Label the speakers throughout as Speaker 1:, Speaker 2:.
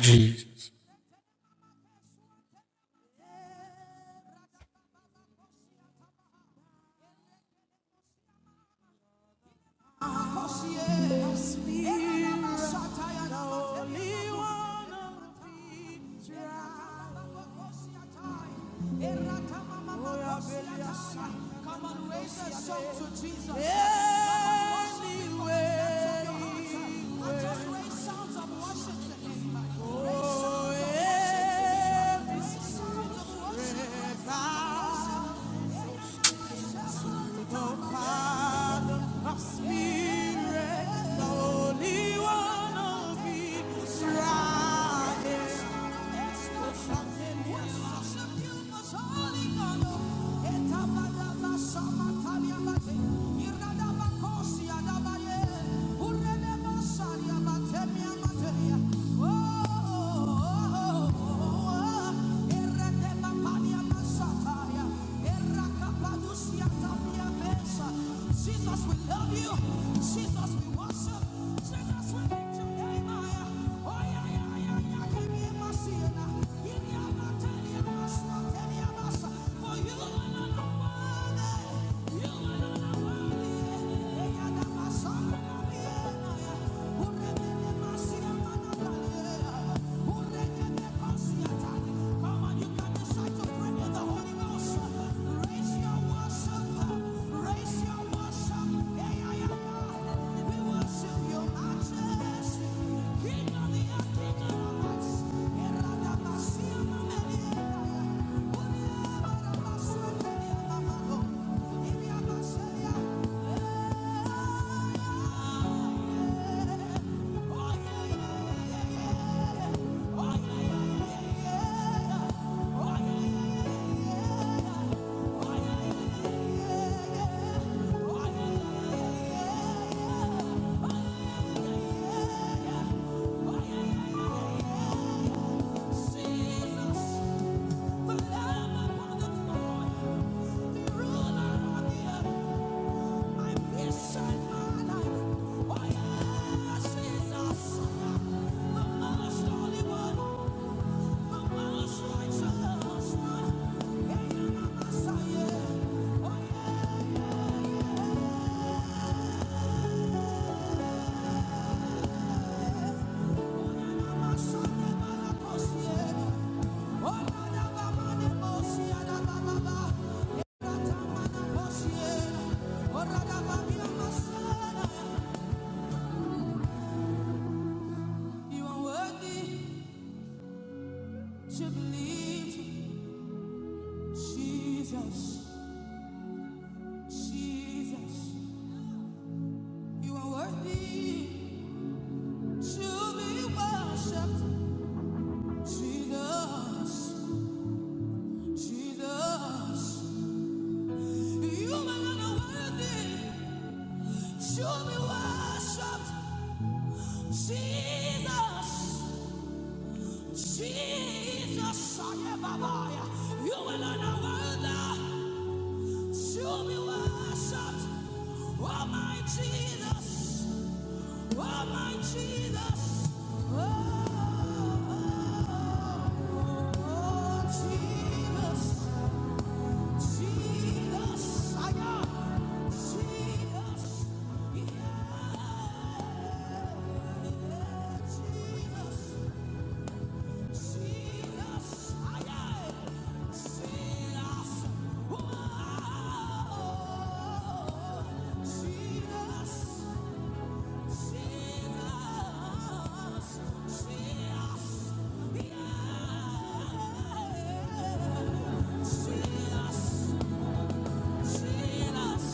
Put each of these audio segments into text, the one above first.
Speaker 1: Jesus.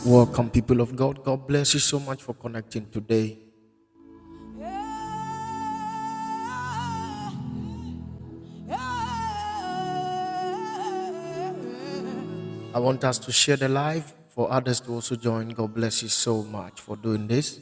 Speaker 1: Welcome, people of God. God bless you so much for connecting today. I want us to share the live for others to also join. God bless you so much for doing this.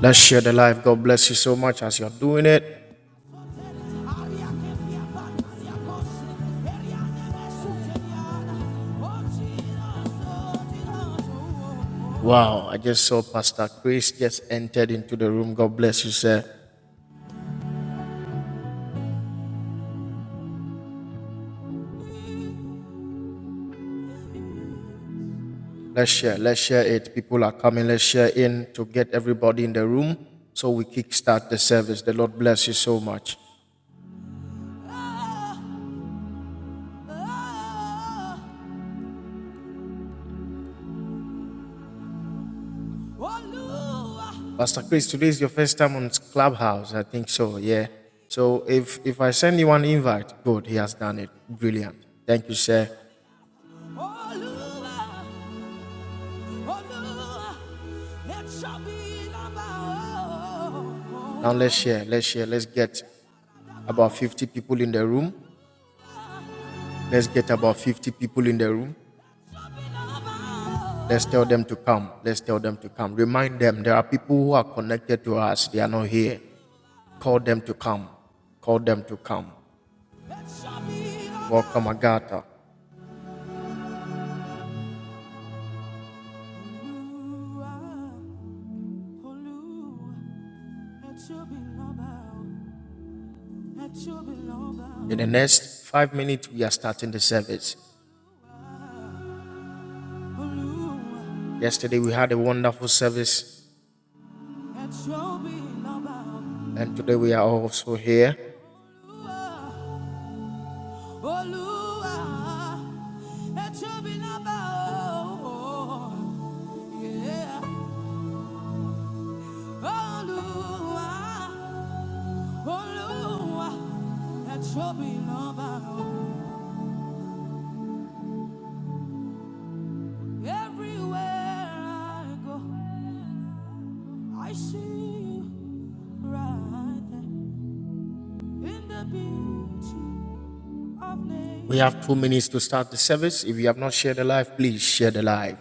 Speaker 1: Let's share the live. God bless you so much as you're doing it. Wow, I just saw Pastor Chris just entered into the room. God bless you, sir. Let's share. Let's share it. People are coming. Let's share in to get everybody in the room so we kickstart the service. The Lord bless you so much. Pastor Chris, today is your first time on Clubhouse. I think so. Yeah. So if if I send you an invite, good. He has done it. Brilliant. Thank you, sir. Now let's share. Let's share. Let's get about 50 people in the room. Let's get about 50 people in the room. Let's tell them to come. Let's tell them to come. Remind them there are people who are connected to us. They are not here. Call them to come. Call them to come. Welcome, Agatha. In the next five minutes, we are starting the service. Yesterday, we had a wonderful service, and today, we are also here. We have two minutes to start the service. If you have not shared the live, please share the live.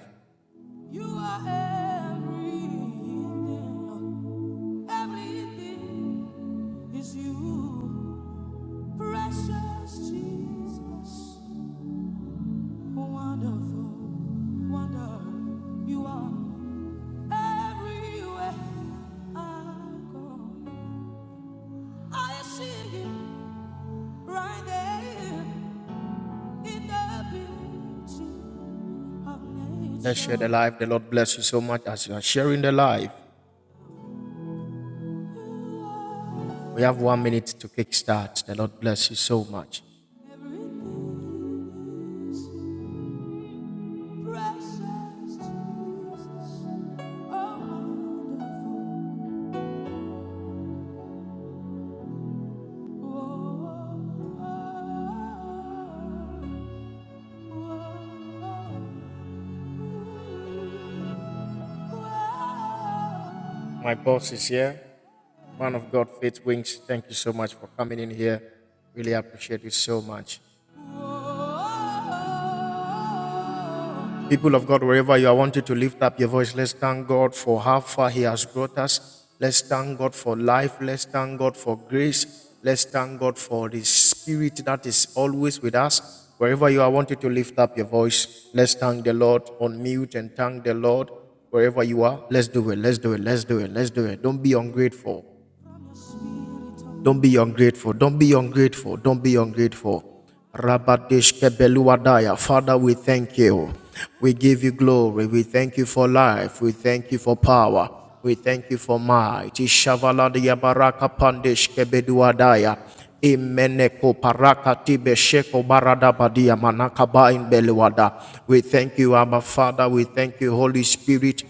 Speaker 1: Let's share the live. The Lord bless you so much as you are sharing the live. We have one minute to kickstart. The Lord bless you so much. My boss is here. Man of God, Faith Wings, thank you so much for coming in here. Really appreciate you so much. People of God, wherever you are, I want you to lift up your voice. Let's thank God for how far He has brought us. Let's thank God for life. Let's thank God for grace. Let's thank God for the Spirit that is always with us. Wherever you are, I want you to lift up your voice. Let's thank the Lord on mute and thank the Lord wherever you are. Let's do it. Let's do it. Let's do it. Let's do it. Don't be ungrateful. Don't be ungrateful. Don't be ungrateful. Don't be ungrateful. Rabadesh Kebeluadaya. Father, we thank you. We give you glory. We thank you for life. We thank you for power. We thank you for might. Ishavaladiya baraka pandesh kebeduadaya. Imeneko paraka tibe sheko barada beluada. We thank you, Abba Father. We thank you, Holy Spirit.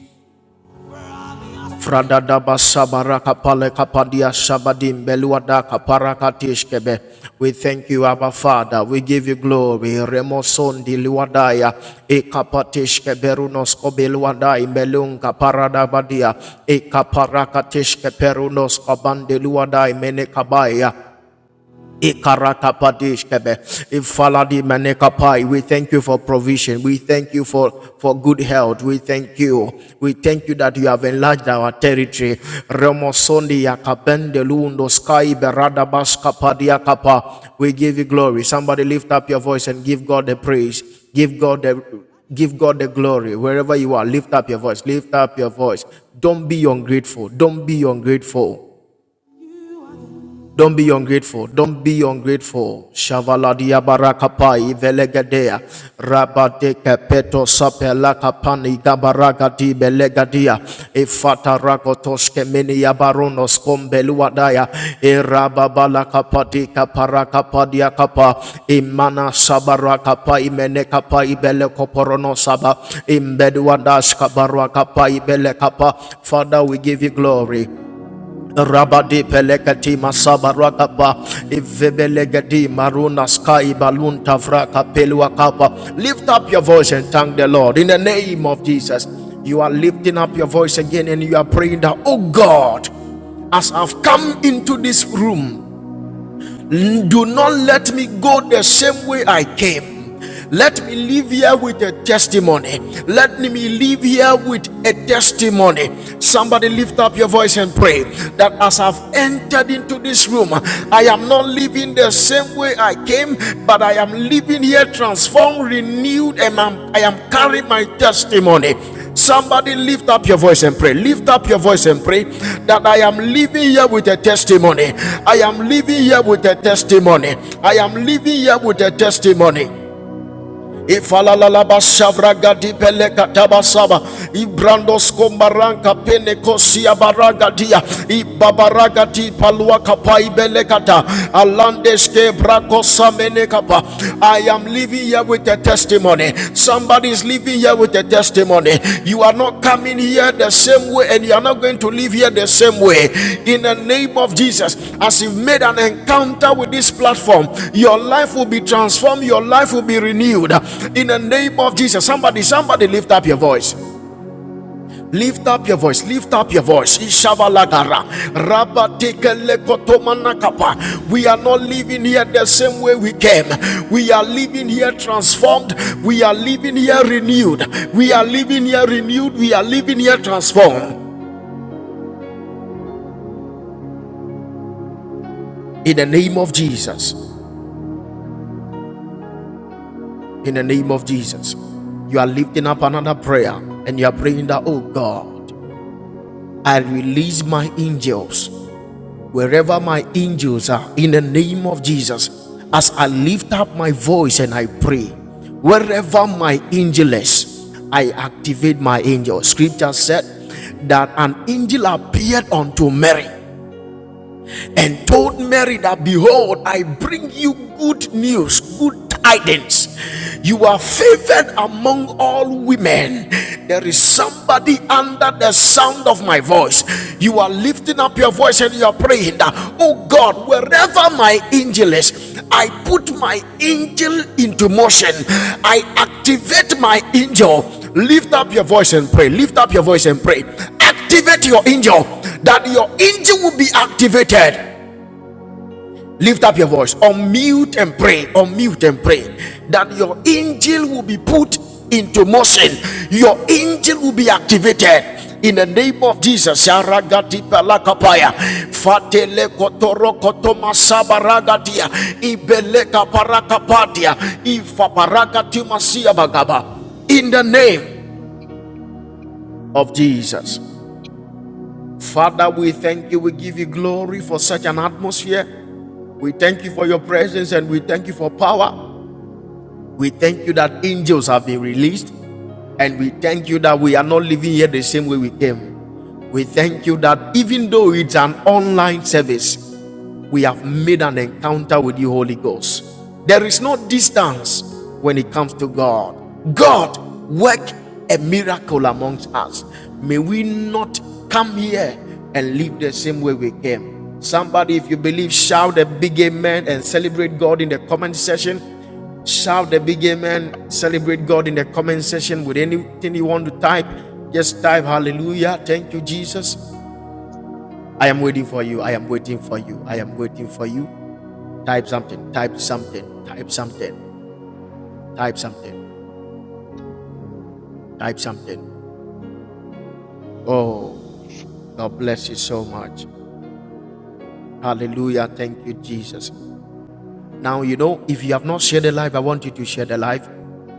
Speaker 1: Fradadaba sabara kapale kapadia sabadim beluada kapara katishkebe. We thank you, Abba Father. We give you glory. Remoson luadaya. E kapatishkebe runos kobeluadai melunga paradabadia. E kaparakatishke perunos kabande luadai mene kabaya. Ikarakapadiskebe. Ifaladi manekapai. We thank you for provision. We thank you for, for good health. We thank you. We thank you that you have enlarged our territory. Remosondi yakabende lundo sky berada baskapadia kapa. We give you glory. Somebody lift up your voice and give God the praise. Give God the Give God the glory wherever you are. Lift up your voice. Lift up your voice. Don't be ungrateful. Don't be ungrateful. Don't be ungrateful. Don't be ungrateful. Shavaladia barakapai velegadea. Rabade kepeto sapela kapani gabaragadi belegadia. Efata ragotoshke mini yabaronos kombeluadaya. E rababala kapati kaparakapadia kapa. Imana sabarakapa imene kapa ibele koporono saba. Imbeduadash kabarakapa ibele kapa. Father, we give you glory. Rabadi pelekati masabarakapa ivebelegedi maruna sky balun tavraka pelua Lift up your voice and thank the Lord in the name of Jesus. You are lifting up your voice again and you are praying that, oh God, as I've come into this room do not let me go the same way I came. Let me live here with a testimony. Let me live here with a testimony. Somebody lift up your voice and pray that as I've entered into this room, I am not living the same way I came, but I am living here transformed, renewed, and I'm, I am carrying my testimony. Somebody lift up your voice and pray. Lift up your voice and pray that I am living here with a testimony. I am living here with a testimony. I am living here with a testimony. Ifalalaba shavraga dipele kataba saba ibrandos kombaranka pene kosia baraga dia ibabaraga di palua kapa ibele kata alandeske brako samene kapa I am living here with a testimony somebody is living is leaving here with a testimony. You are not coming here the same way, and you are not going to live here the same way. In the name of Jesus, as you've made an encounter with this platform, your life will be transformed, your life will be renewed. In the name of Jesus, somebody, somebody lift up your voice. Lift up your voice, lift up your voice. Ishabalagara. Rabatekelekotomanakapa. We are not living here the same way we came. We are living here transformed. We are living here renewed. We are living here renewed. We are living here transformed. In the name of Jesus. In the name of Jesus. You are lifting up another prayer and you are praying that, oh God, I release my angels wherever my angels are, in the name of Jesus, as I lift up my voice and I pray, wherever my angel is, I activate my angel. Scripture said that an angel appeared unto Mary and told Mary that, Behold, I bring you good news, good tidings. You are favored among all women. There is somebody under the sound of my voice. You are lifting up your voice and you are praying that, Oh God, wherever my angel is, I put my angel into motion. I activate my angel. Lift up your voice and pray. Lift up your voice and pray activate your angel that your angel will be activated Lift up your voice, unmute and pray, unmute and pray that your angel will be put into motion, your angel will be activated in the name of Jesus.
Speaker 2: No,
Speaker 1: In the name
Speaker 2: y-
Speaker 1: of Jesus. Father, we thank you. We give you glory for such an atmosphere. We thank you for your presence and we thank you for power. We thank you that angels have been released, and we thank you that we are not living here the same way we came. We thank you that even though it's an online service, we have made an encounter with you, Holy Ghost. There is no distance when it comes to God. God, work a miracle amongst us. May we not come here and live the same way we came. Somebody, if you believe, shout a big amen and celebrate God in the comment section. Shout a big amen. Celebrate God in the comment section with anything you want to type. Just type hallelujah. Thank you, Jesus. I am waiting for you. I am waiting for you. I am waiting for you. Type something, type something, type something, type something, type something. Oh, God bless you so much. Hallelujah. Thank you, Jesus. Now, you know, if you have not shared the life, I want you to share the life.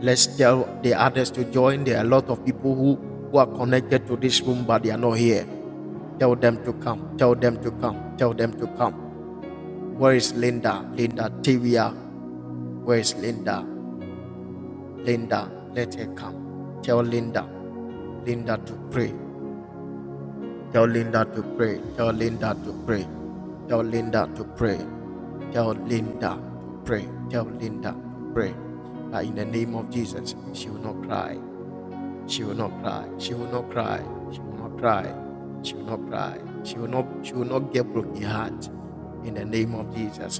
Speaker 1: Let's tell the others to join. There are a lot of people who, who are connected to this room, but they are not here. Tell them to come. Tell them to come. Tell them to come. Where is Linda? Linda Tavia. Where is Linda? Linda, let her come. Tell Linda. Linda to pray. Tell Linda to pray. Tell Linda to pray. Tell Linda to pray. Tell Linda to pray. Tell Linda to pray. That in the name of Jesus, she will not cry. She will not cry. She will not cry. She will not cry. She will not cry. She will not. She will not get broken heart. In the name of Jesus,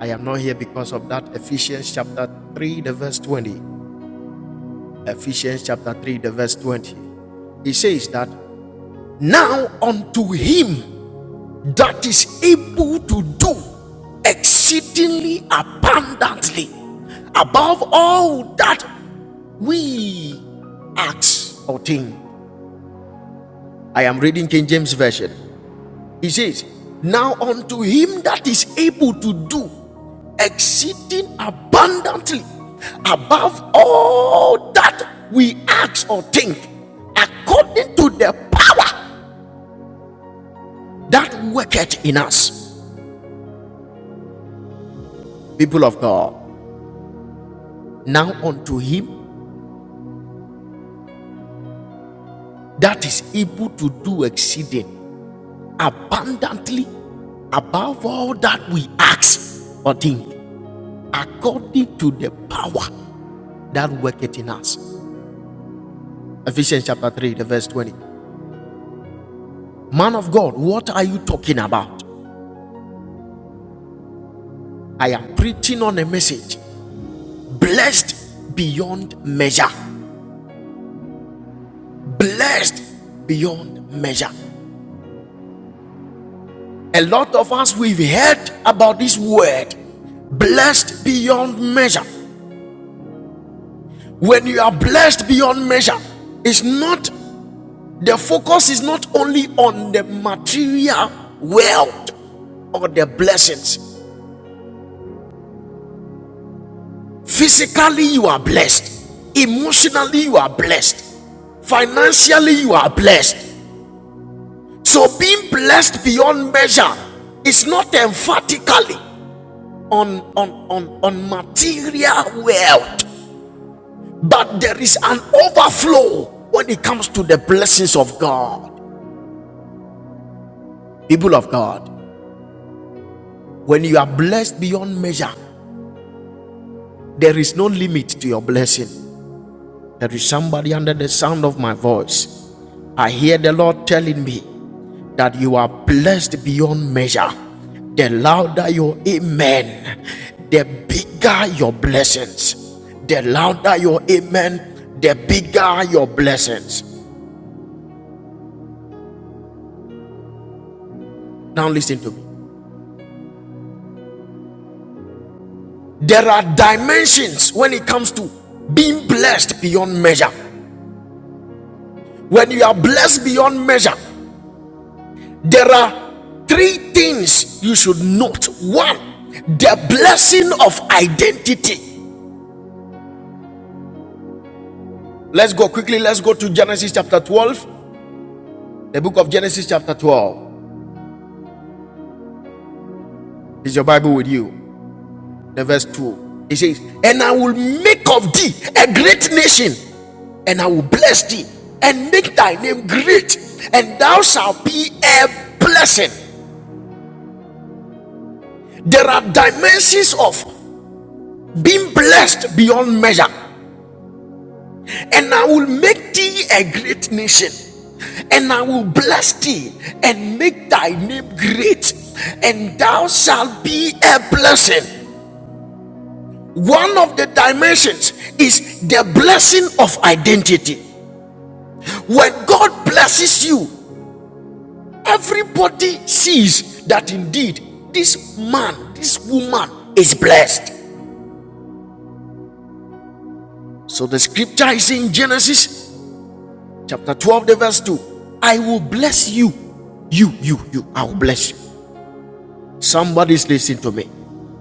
Speaker 1: I am not here because of that. Ephesians chapter three, the verse twenty. Ephesians chapter three, the verse twenty. He says that now unto him that is able to do exceedingly abundantly above all that we ask or think. I am reading King James Version. He says, Now unto him that is able to do exceeding abundantly above all that we ask or think, according to the power that worketh in us. People of God, now unto him that is able to do exceeding abundantly above all that we ask or think, according to the power that worketh in us. Ephesians chapter 3, the verse 20. Man of God, what are you talking about? I am preaching on a message blessed beyond measure. Blessed beyond measure. A lot of us, we've heard about this word blessed beyond measure. When you are blessed beyond measure, it's not the focus is not only on the material wealth or the blessings. Physically, you are blessed, emotionally, you are blessed, financially, you are blessed. So, being blessed beyond measure is not emphatically on, on, on, on material wealth, but there is an overflow when it comes to the blessings of God, people of God. When you are blessed beyond measure, there is no limit to your blessing. There is somebody under the sound of my voice. I hear the Lord telling me that you are blessed beyond measure. The louder your amen, the bigger your blessings. The louder your amen, the bigger your blessings. Now listen to me. There are dimensions when it comes to being blessed beyond measure. When you are blessed beyond measure, There are three things you should note. One, the blessing of identity. Let's go quickly. Let's go to Genesis chapter 12. The book of Genesis chapter 12. Is your Bible with you? The verse 2. It says, And I will make of thee a great nation, and I will bless thee, and make thy name great, and thou shalt be a blessing. There are dimensions of being blessed beyond measure. and I will make thee a great nation, and I will bless thee and make thy name great, and thou shalt be a blessing. One of the dimensions is the blessing of identity. When God blesses you, everybody sees that indeed this man, this woman is blessed. So the scripture is in Genesis chapter 12, the verse 2. I will bless you. You, you, you, I will bless you. Somebody's listening to me.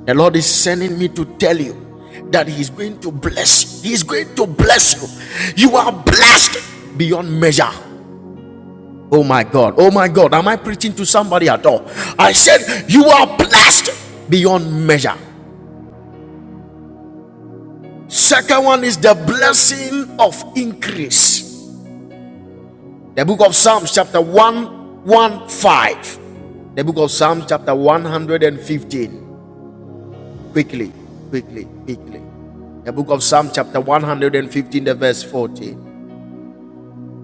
Speaker 1: The Lord is sending me to tell you that He's going to bless you. He's going to bless you. You are blessed beyond measure. Oh my God. Oh my God. Am I preaching to somebody at all? I said, You are blessed beyond measure. Second one is the blessing of increase. The book of Psalms, chapter 115. The book of Psalms, chapter 115. Quickly, quickly, quickly. The book of Psalm, chapter 115, the verse 14.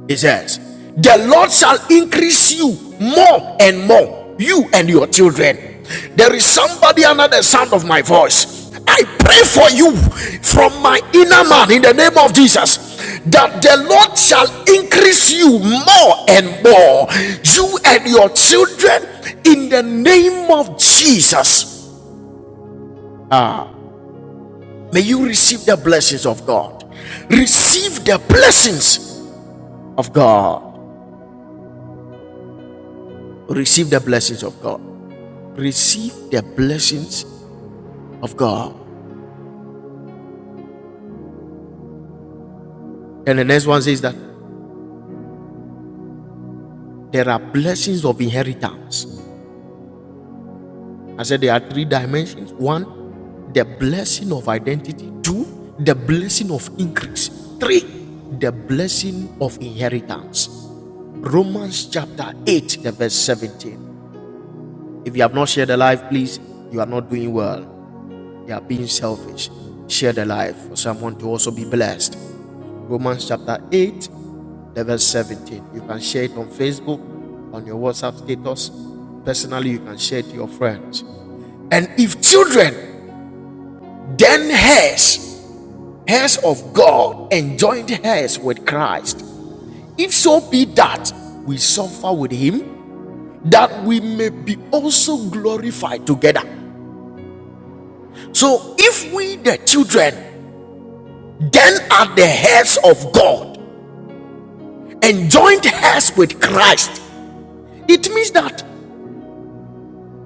Speaker 1: It says, The Lord shall increase you more and more, you and your children. There is somebody under the sound of my voice. I pray for you from my inner man in the name of Jesus that the Lord shall increase you more and more, you and your children, in the name of Jesus. Ah, May you receive the blessings of God. Receive the blessings of God. Receive the blessings of God. Receive the blessings of God. And the next one says that there are blessings of inheritance. I said there are three dimensions. One, the blessing of identity. Two, the blessing of increase. Three, the blessing of inheritance. Romans chapter 8, the verse 17. If you have not shared the life, please, you are not doing well They are being selfish. Share the life for someone to also be blessed. Romans chapter 8, the verse 17. You can share it on Facebook, on your WhatsApp status. Personally, you can share it to your friends. And if children, then heirs, heirs of God, and joint heirs with Christ, if so be that we suffer with him, that we may be also glorified together. So if we, the children, then are the heirs of God and joint heirs with Christ. It means that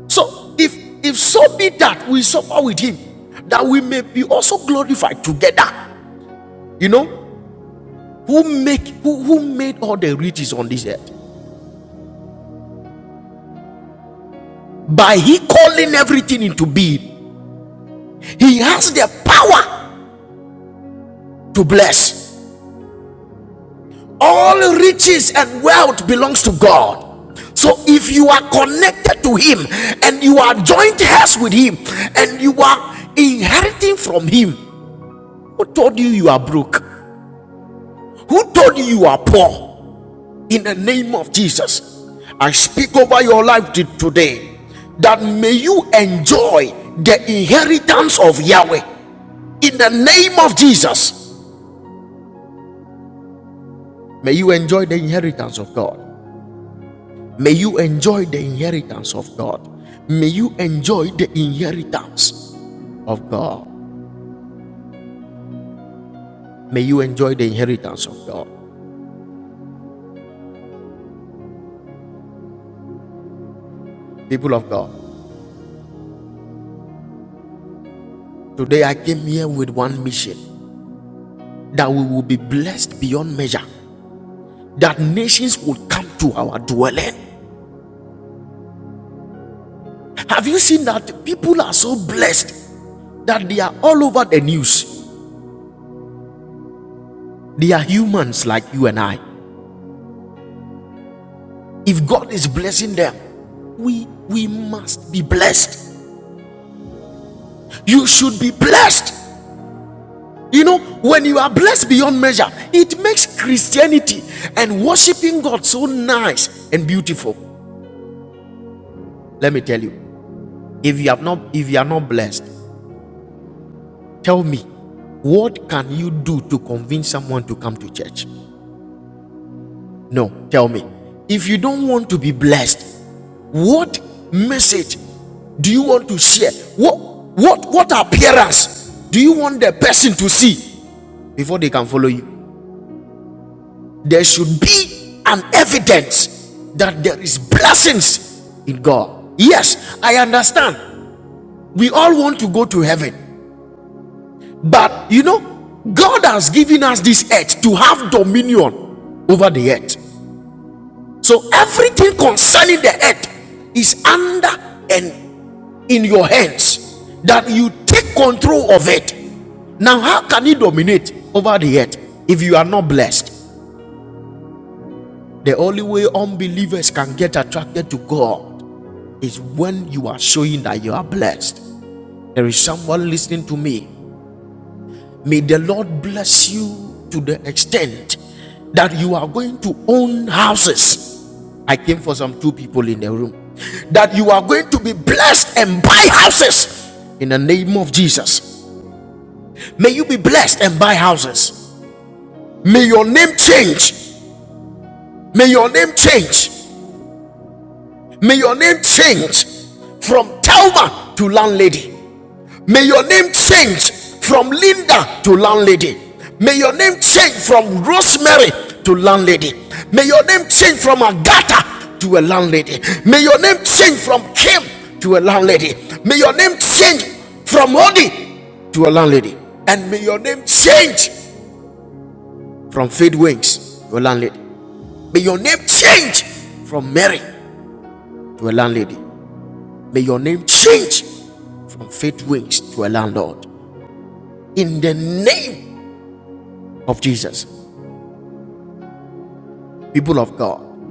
Speaker 1: so if if so be that we suffer with him, that we may be also glorified together. You know, who make who, who made all the riches on this earth? By he calling everything into being, he has the power to bless. all riches and wealth belongs to god so if you are connected to him and you are joint heirs with him and you are inheriting from him who told you you are broke who told you you are poor in the name of jesus i speak over your life today that may you enjoy the inheritance of yahweh in the name of jesus may you enjoy the inheritance of god May you enjoy the inheritance of God. May you enjoy the inheritance of God. May you enjoy the inheritance of God. People of God, today I came here with one mission that we will be blessed beyond measure, that nations will come to our dwelling. Have you seen that people are so blessed that they are all over the news? They are humans like you and I. If God is blessing them, we we must be blessed. You should be blessed. You know, when you are blessed beyond measure, it makes Christianity and worshiping God so nice and beautiful. Let me tell you, if you have not if you are not blessed, tell me, what can you do to convince someone to come to church? No, tell me. If you don't want to be blessed, what message do you want to share? What what what appearance do you want the person to see before they can follow you? there should be an evidence that there is blessings in God. Yes, I understand. We all want to go to heaven. But you know, God has given us this earth to have dominion over the earth. So everything concerning the earth is under and in your hands that you take control of it. Now, how can you dominate over the earth if you are not blessed? The only way unbelievers can get attracted to God is when you are showing that you are blessed. There is someone listening to me. May the Lord bless you to the extent that you are going to own houses. I came for some two people in the room. That you are going to be blessed and buy houses in the name of Jesus. May you be blessed and buy houses. May your name change. May your name change. May your name change from Telma to landlady. May your name change from Linda to landlady. May your name change from Rosemary to landlady. May your name change from Agatha to a landlady. May your name change from Kim to a landlady. May your name change from Odi to a landlady. And may your name change from Faith Wings to a landlady. May your name change from Mary to a landlady. May your name change from faith wings to a landlord. In the name of Jesus, people of God,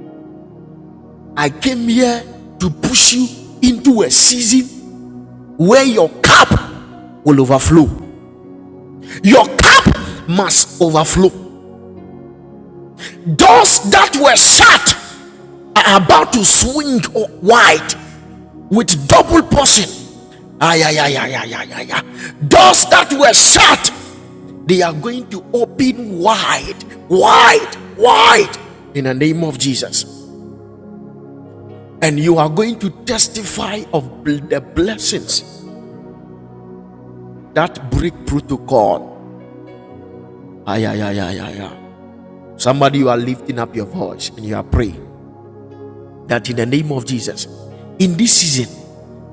Speaker 1: I came here to push you into a season where your cup will overflow. Your cup must overflow. Doors that were shut are about to swing wide with double portion. Ay, ay, ay, ay, ay, ay, ay, Doors that were shut, they are going to open wide, wide, wide in the name of Jesus. And you are going to testify of the blessings that break protocol. Ay, ay, ay, ay, ay, ay. Somebody, you are lifting up your voice and you are praying. that in the name of Jesus, in this season,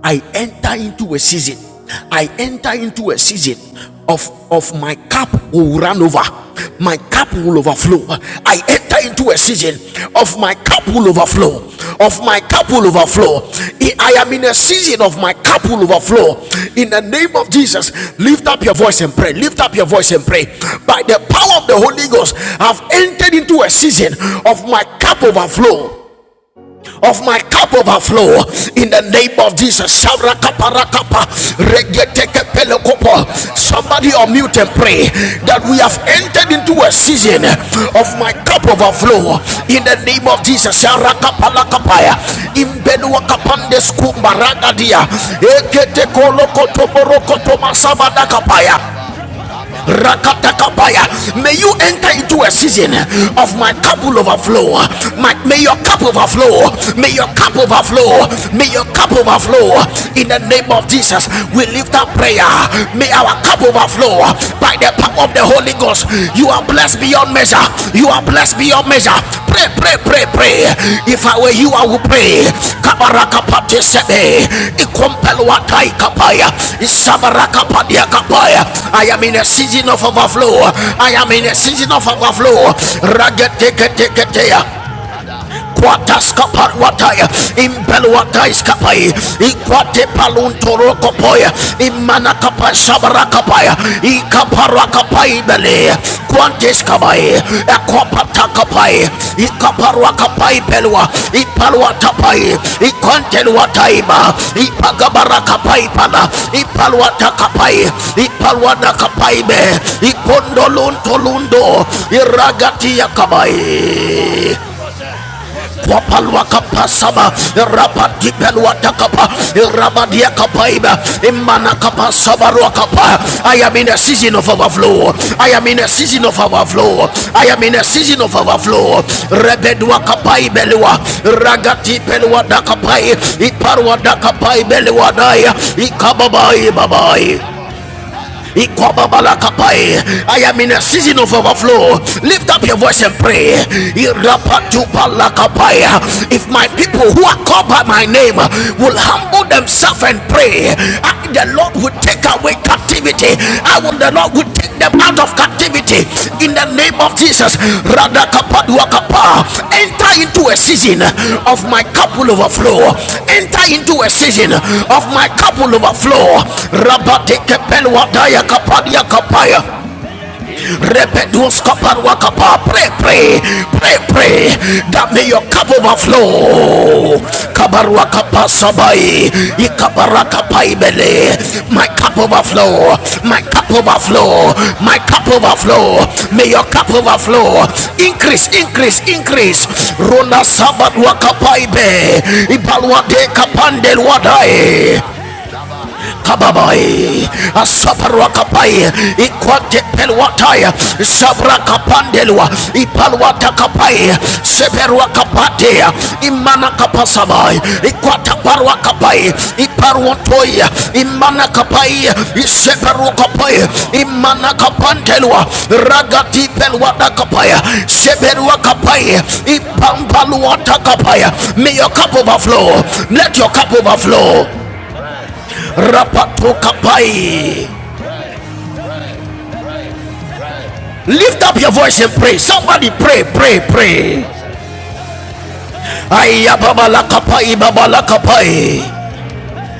Speaker 1: I enter into a season. I enter into a season of, of my cup will run over. My cup will overflow. I enter into a season of my cup will overflow. Of my cup will overflow. I am in a season of my cup will overflow. In the name of Jesus, lift up your voice and pray. Lift up your voice and pray. By the power of the Holy Ghost, I've entered into a season of my cup overflow of my cup overflow in the name of Jesus. Shabrakaparakapa, regetekepelekopo. Somebody unmute and pray that we have entered into a season of my cup overflow in the name of Jesus. Sharakapalakapaya, May you enter into a season of my cup will overflow. My, may your cup overflow. May your cup overflow. May your cup overflow. In the name of Jesus, we lift up prayer. May our cup overflow by the power of the Holy Ghost. You are blessed beyond beyond measure. You are blessed beyond measure. Pray, pray, pray, pray. If I were you, I would pray. Kabaraka pati sebe. Ikompelwa tai kapaya. Isabaraka padia kapaya. I am in a season of overflow. I am in a season of overflow. Rageteketeketea. Quataskapar wataya. kwataskaparwataya imbelwataiskapai ikwatepaluntorukopoya imanakapashabarakapaya ikaparwakapaibele kwanteskabai ekwapatakapai ikaparwakapaibelwa ipalwatapai pana. ipagabarakapaipala ipalwatakapai ipalwadakapaibe ikondoluntolundo iragatiakabai Wapalwa kapasaba, rapati pelwa takapa, rabadia kapaiba, imana kapasaba kapa. I am in a season of overflow. I am in a season of overflow. I am in a season of overflow. Rebedwa kapai belwa, ragati pelwa dakapai, iparwa dakapai belwa daya, ikababai babai. Ikobabalakapai. I am in a season of overflow. Lift up your voice and pray. Irapatupalakapai. If my people who are called by my name will humble themselves and pray, I, the Lord will take away captivity. I will the the Lord will take them out of captivity in the name of Jesus. Radakapaduakapa. Enter into a season of my cup will overflow. Enter into a season of my cup will overflow. Rabatekepelwadayakapadiakapaya. Repeduos kaparwa kapa. Pray, pray, pray, pray. That may your cup overflow. Kabarwa kapa sabai. Ikabara kapa ibele. My cup overflow. My cup overflow. My cup overflow. May your cup overflow. Increase, increase, increase. Rona sabat wakapaibe. Ibalwa de kapandel wadai kababai asaparwa kapai ikwate pelwatai sabra kapandelwa ipalwata kapai seperwa kapate imana kapasabai ikwata parwa kapai iparwatoi imana kapai iseperwa kapai imana kapandelwa ragati pelwata kapai seperwa kapai ipampalwata kapai may your cup overflow let your cup overflow Rapatokapai. Lift up your voice and pray. Somebody pray, pray, pray. Ayababalakapai, babalakapai.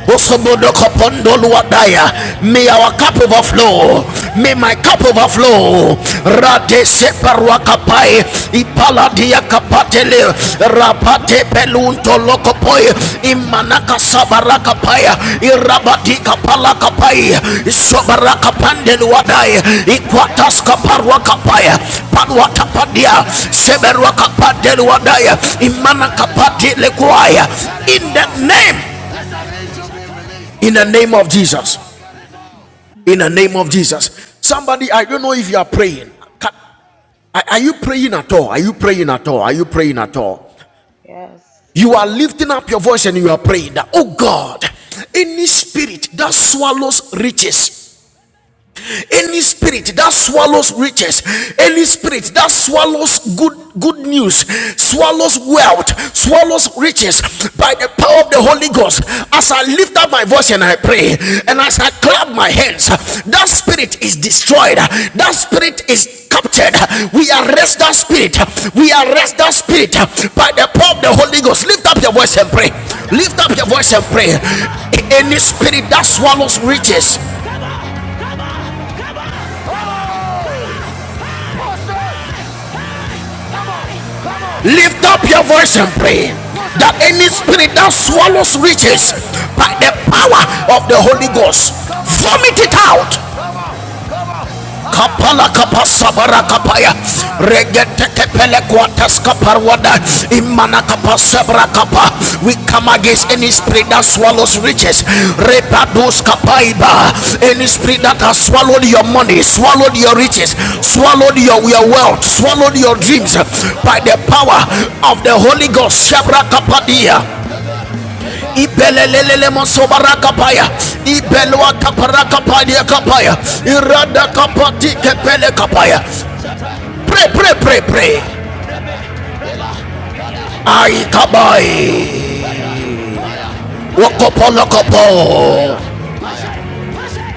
Speaker 1: Osomodokopondoluwadaya. May our cup overflow. May my cup overflow. Rade Rate separuakapai. Ipaladia kapatele. Rapate pelunto lokopoi. Imanaka sabarakapaya. Irabadika palakapai. Sobarakapandeluwadai. Ikwataska paruakapaya. Paluatapadia. Seberuakapandeluwadaya. Imanakapati lekwaya. In the name in the name of Jesus. In the name of Jesus. Somebody, I don't know if you are praying. Are are you praying at all? Are you praying at all? Are you praying at all? You are lifting up your voice and you are praying that, oh God, any spirit that swallows riches Any spirit that swallows riches, any spirit that swallows good good news, swallows wealth, swallows riches by the power of the Holy Ghost. As I lift up my voice and I pray, and as I clap my hands, that spirit is destroyed. That spirit is captured. We arrest that spirit. We arrest that spirit by the power of the Holy Ghost. Lift up your voice and pray. Lift up your voice and pray. Any spirit that swallows riches, Lift up your voice and pray that any spirit that swallows riches by the power of the Holy Ghost, vomit it out kapala kapasabara kapaya regete kepele kwatas kaparwada imana kapasabra kapa we come against any spirit that swallows riches repados kapaiba any spirit that has swallowed your money swallowed your riches swallowed your, your wealth swallowed your dreams by the power of the Holy Ghost Shabra kapadia ibelelelele mosobara kapaya ibelwa kapara kapadia kapaya irada kapati kepele kapaya pray pray pray pray ai kabai wakopolokopo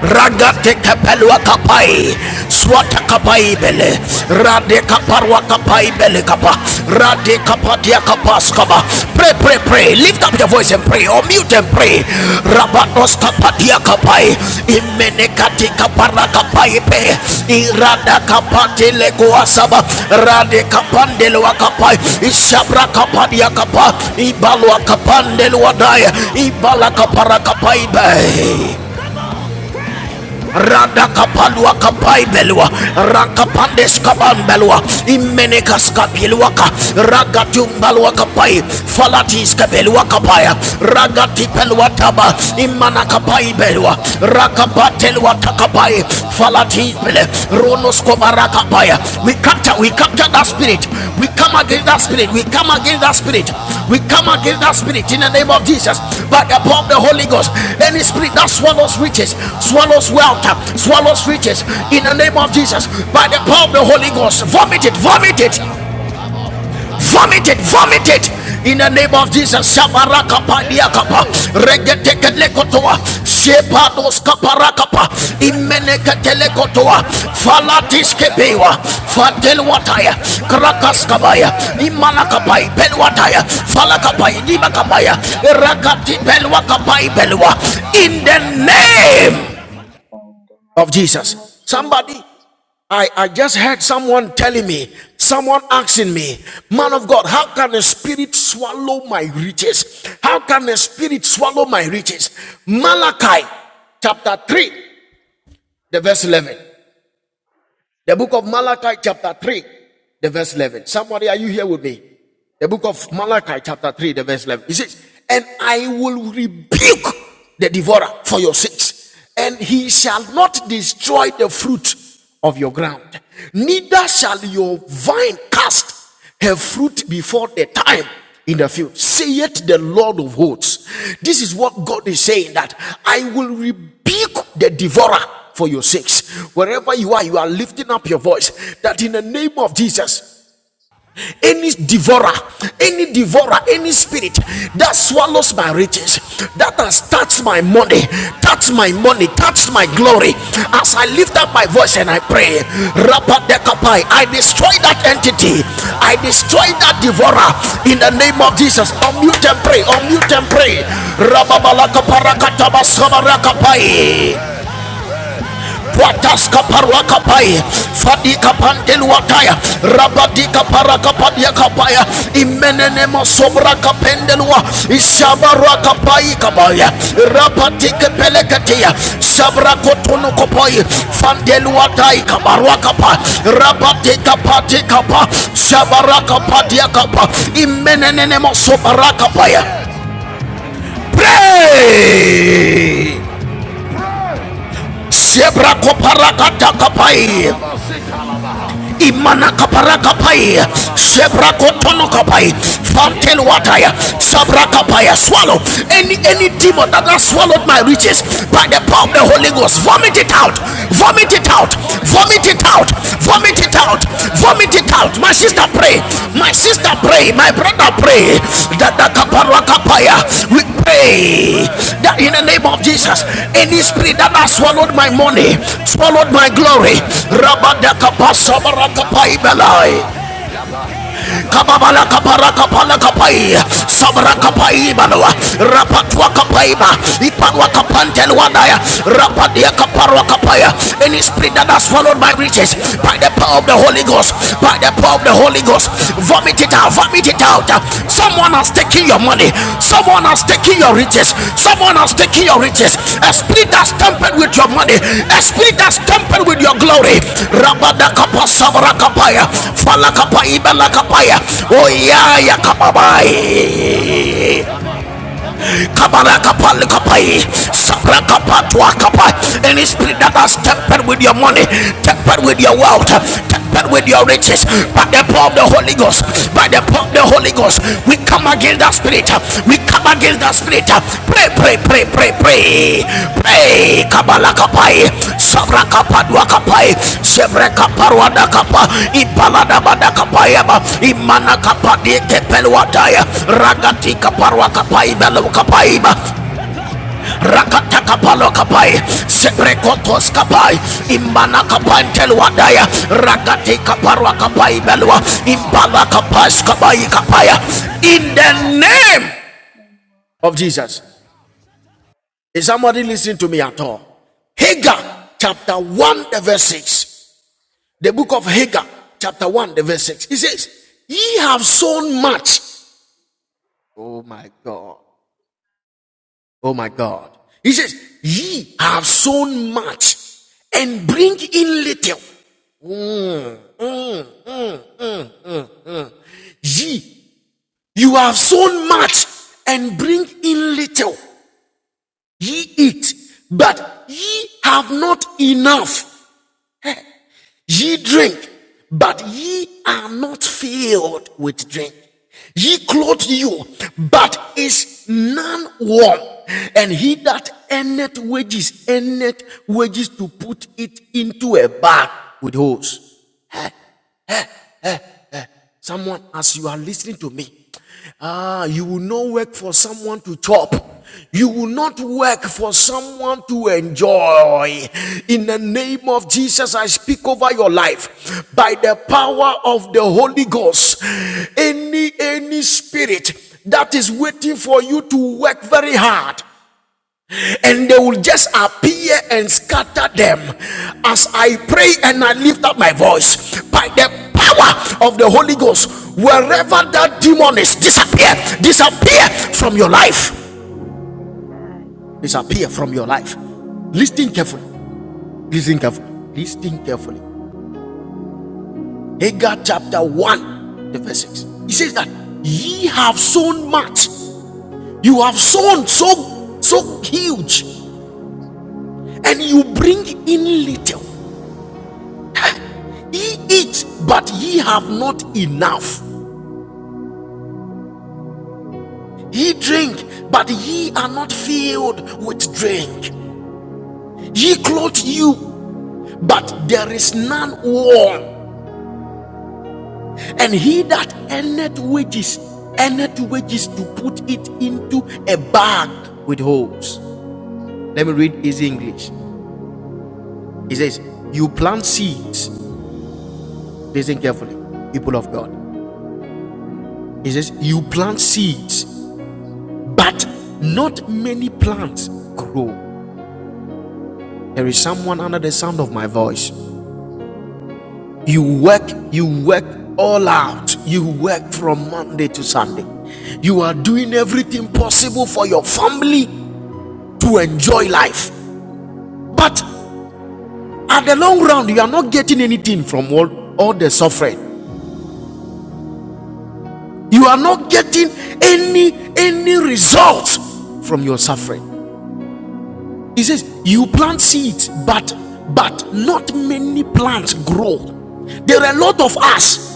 Speaker 1: ragate kapelwa kapai swata kapai bele rade kaparwa kapai bele kapa rade kapatia kapas kaba pray pray pray lift up your voice and pray or mute and pray rabatos kapatia kapai imene katika para kapai pe irada kapati le kuasaba rade kapandele wakapai ishabra kapadia kapa ibalwa kapandele daya. ibala kapara kapai be radakapalwa kapaibelwa rakapandeskabambelwa imenekaskapilwaka ragatumbalwa kapai Falatis falatiskabelwa kapaya ragatipelwa taba Imana kapai imanakapaibelwa rakapatelwa takapai falatipele runos we capture, we capture that spirit. We come against that spirit. We come against that spirit. We come against that spirit in the name of Jesus. But upon the Holy Ghost, any spirit that swallows riches, swallows wealth, swallows riches in the name of Jesus. By the power of the Holy Ghost, vomit it, vomit it, vomit it, vomit it in the name of Jesus. Shabarakapadiakapa, regetekelekotoa, shepadoskaparakapa, imeneketelekotoa, falatiskepewa, fatelwataya, krakaskabaya, imalakapai, pelwataya, falakapai, dibakapaya, rakati pelwakapai pelwa. In the name of Jesus. Somebody, I, I just heard someone telling me, someone asking me, man of God, how can a spirit swallow my riches? How can a spirit swallow my riches? Malachi chapter 3, the verse 11. The book of Malachi, chapter 3, the verse 11. Somebody, are you here with me? The book of Malachi, chapter 3, the verse 11. He says, And I will rebuke the devourer for your sakes, and he shall not destroy the fruit of your ground, neither shall your vine cast her fruit before the time in the field. Saith the Lord of hosts. This is what God is saying that I will rebuke the devourer for your sakes. Wherever you are, you are lifting up your voice that in the name of Jesus, any devourer, any devourer, any spirit that swallows my riches, that has touched my money, touched my money, touched my glory. As I lift up my voice and I pray, Rapadekapai, I destroy that entity, I destroy that devourer in the name of Jesus. Unmute and pray, unmute and pray. Rababalakaparakatabashabarakapai. Wataska parwa kapaya, fadika pandelu wataya, rabadika para kapadia kapaya, imenene masobra kapendelua, ishabara kapai kabaya, rapatike peleketia, sabra kotunu kopoi, fandelu watai kabarwa kapa, rabatika pati kapa, sabara kapadia kapa, imenene masobra kapaya. Pray! Sebra koparaka takapai. imana kapara kapai sebra kotono kapai fountain water sabra kapaya swallow any any demon that has swallowed my riches by the power of the holy ghost vomit it out vomit it out vomit it out vomit it out vomit it out vomit it out. My sister, pray. My sister, pray. My brother, pray. That the kaparwa kapaya. We pray that in the name of Jesus, any spirit that has swallowed my money, swallowed my glory. Rabadakapasabarakapaibelai kababala kapara kapala kapai sabra kapai balwa rapatwa kapai ba ipanwa kapantel wadaya rapadia kaparwa kapaya any spirit that has followed my riches by the power of the Holy Ghost by the power of the Holy Ghost vomit it out vomit it out Someone has taken your money. Someone has taken your riches. Someone has taken your riches. A spirit has tampered with your money. A spirit has tampered with your glory. Rabada kapa sabra kapaya. Fala kapa ibala kapaya. Oya ya kapabai. Kabaraka palikapai, sabraka patuakapai. Any spirit that has tempered with your money, tempered with your wealth, tempered with your riches, by the power of the Holy Ghost, by the power of the Holy Ghost, we come against that spirit. We come against that spirit. Pray, pray, pray, pray, pray, pray. Kabala kapai, sabra kapadua kapai, sebre kaparwada kapa, ipalada bada kapai ba, imana kapadi kepeluataya, ragati kaparwa kapai belu kapai ba. Rakata kapalo kapai, sebre kotos kapai, imana kapai teluadaya, ragati kaparwa kapai belua, impala kapas kapai kapaya. In the name of Jesus. Is somebody listening to me at all? Hagar chapter 1, the verse 6. The book of Hagar, chapter 1, the verse 6. It says, Ye have sown much. Oh my God. Oh my God. He says, Ye have sown much and bring in little. Mm. Ye, you have sown much and bring in little. Ye eat, but ye have not enough. Ye drink, but ye are not filled with drink. Ye clothe you, but is none warm. And he that earneth wages, earneth wages to put it into a bag with holes. Someone, as you are listening to me, ah, you will not work for someone to chop. You will not work for someone to enjoy. In the name of Jesus, I speak over your life by the power of the Holy Ghost. Any any spirit that is waiting for you to work very hard and they will just appear and scatter them as I pray and I lift up my voice by the power of the Holy Ghost. Wherever that demon is, disappear, disappear from your
Speaker 3: Amen.
Speaker 1: life,
Speaker 3: Amen.
Speaker 1: disappear from your life. Listen
Speaker 3: Amen.
Speaker 1: carefully, listen carefully, listen carefully. Hagar chapter 1, the verse 6. He says that ye have sown much, you have sown so so huge, and you bring in little. Ye eat, but ye have not enough. Ye drink, but ye are not filled with drink. Ye clothe you, but there is none warm. And he that earneth wages, earneth wages to put it into a bag with holes. Let me read easy English. He says, You plant seeds. Listen carefully, people of God. He says, You plant seeds, but not many plants grow. There is someone under the sound of my voice. You work, you work all out. You work from Monday to Sunday. You are doing everything possible for your family to enjoy life. But at the long run, you are not getting anything from all, all the suffering. You are not getting any any result from your suffering. He says, You plant seeds, but but not many plants grow. There are a lot of us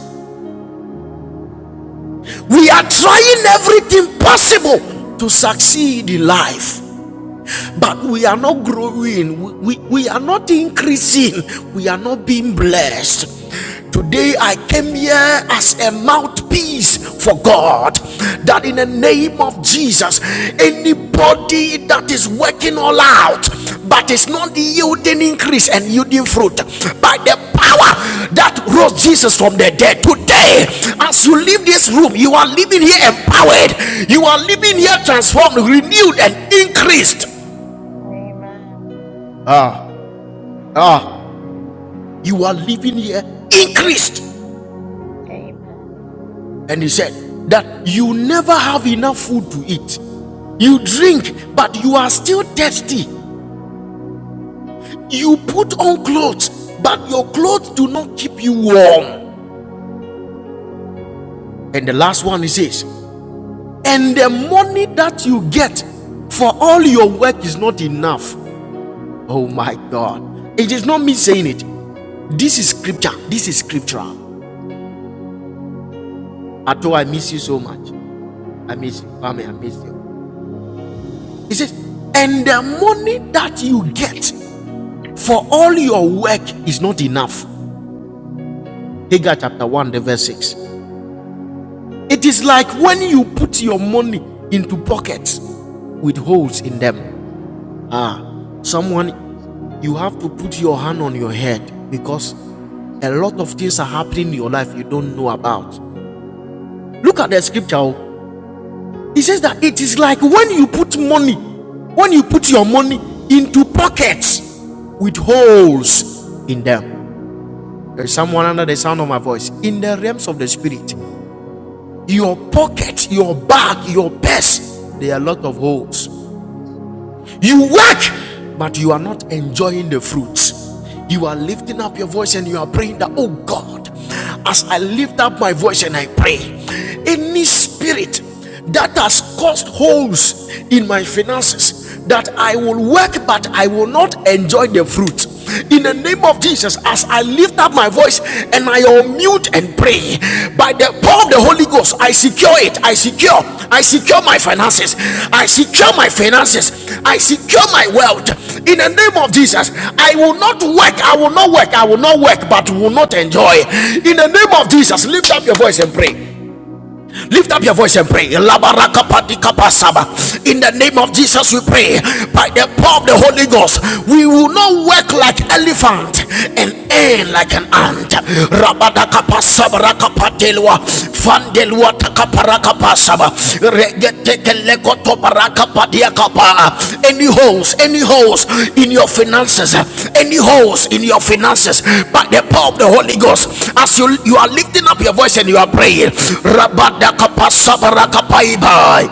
Speaker 1: We are trying everything possible to succeed in life but we are not growing, we, we, we are not increasing, we are not being blessed. Today I came here as a mouthpiece for God. That in the name of Jesus, anybody that is working all out but is not yielding increase and yielding fruit by the power that rose Jesus from the dead. Today, as you leave this room, you are living here empowered, you are living here transformed, renewed, and increased. Ah, ah, you are living here increased. And he said that you never have enough food to eat. You drink, but you are still thirsty. You put on clothes, but your clothes do not keep you warm. And the last one he says, and the money that you get for all your work is not enough. Oh my God. It is not me saying it. This is scripture. This is scriptural. Ato, I miss you so much. I miss you. Kwame, I miss you. He says, and the money that you get for all your work is not enough. Hagar chapter 1, the verse 6. It is like when you put your money into pockets with holes in them. Ah, someone, you have to put your hand on your head because a lot of things are happening in your life you don't know about. Look at the scripture. oh. He says that it is like when you put money, when you put your money into pockets with holes in them. There's someone under the sound of my voice. In the realms of the spirit, your pocket, your bag, your purse, there are a lot of holes. You work, but you are not enjoying the fruits. You are lifting up your voice and you are praying that, oh God, as I lift up my voice and I pray, any spirit that has caused holes in my finances, that I will work, but I will not enjoy the fruit in the name of Jesus as I lift up my voice and I unmute and pray by the power of the Holy Ghost I secure it I secure I secure my finances I secure my finances I secure my wealth in the name of Jesus I will not work I will not work I will not work but will not enjoy in the name of Jesus lift up your voice and pray Lift up your voice and pray. Labarakapatikapasaba. In the name of Jesus, we pray. By the power of the Holy Ghost, we will not work like elephant and end like an ant. Rabadakapasabarakapatelwa. Fandelwa takaparakapasaba. Shaba. Regetekeleko baraka padia kapa. Any holes, any holes in your finances, any holes in your finances, by the power of the Holy Ghost, as you, you are lifting up your voice and you are praying, Rabada kapa sabara kapaibai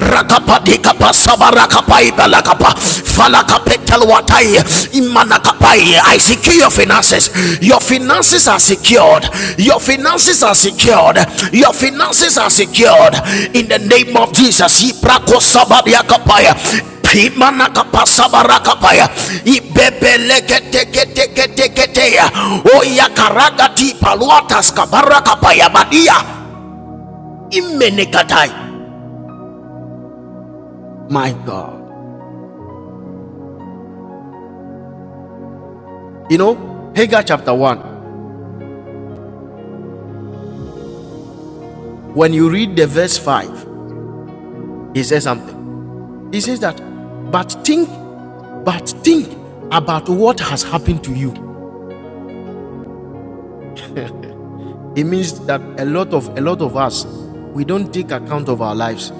Speaker 1: rakapadika pasabarakapaida lakapa falakapetalwatai imanakapai i secure your finances your finances are secured your finances are secured your finances are secured in the name of jesus Ibrakosabariyakapaya. Pimanakapasabarakapaya. Ibebelegetegetegetegeteya. Oyakaragati paluataskabarakapaya. Badia. Imenekatai. My God. You know, Hagar chapter 1, when you read the verse 5, he says something. He says that, but think, but think about what has happened to you. It means that a lot of a lot of us we don't take account of our lives.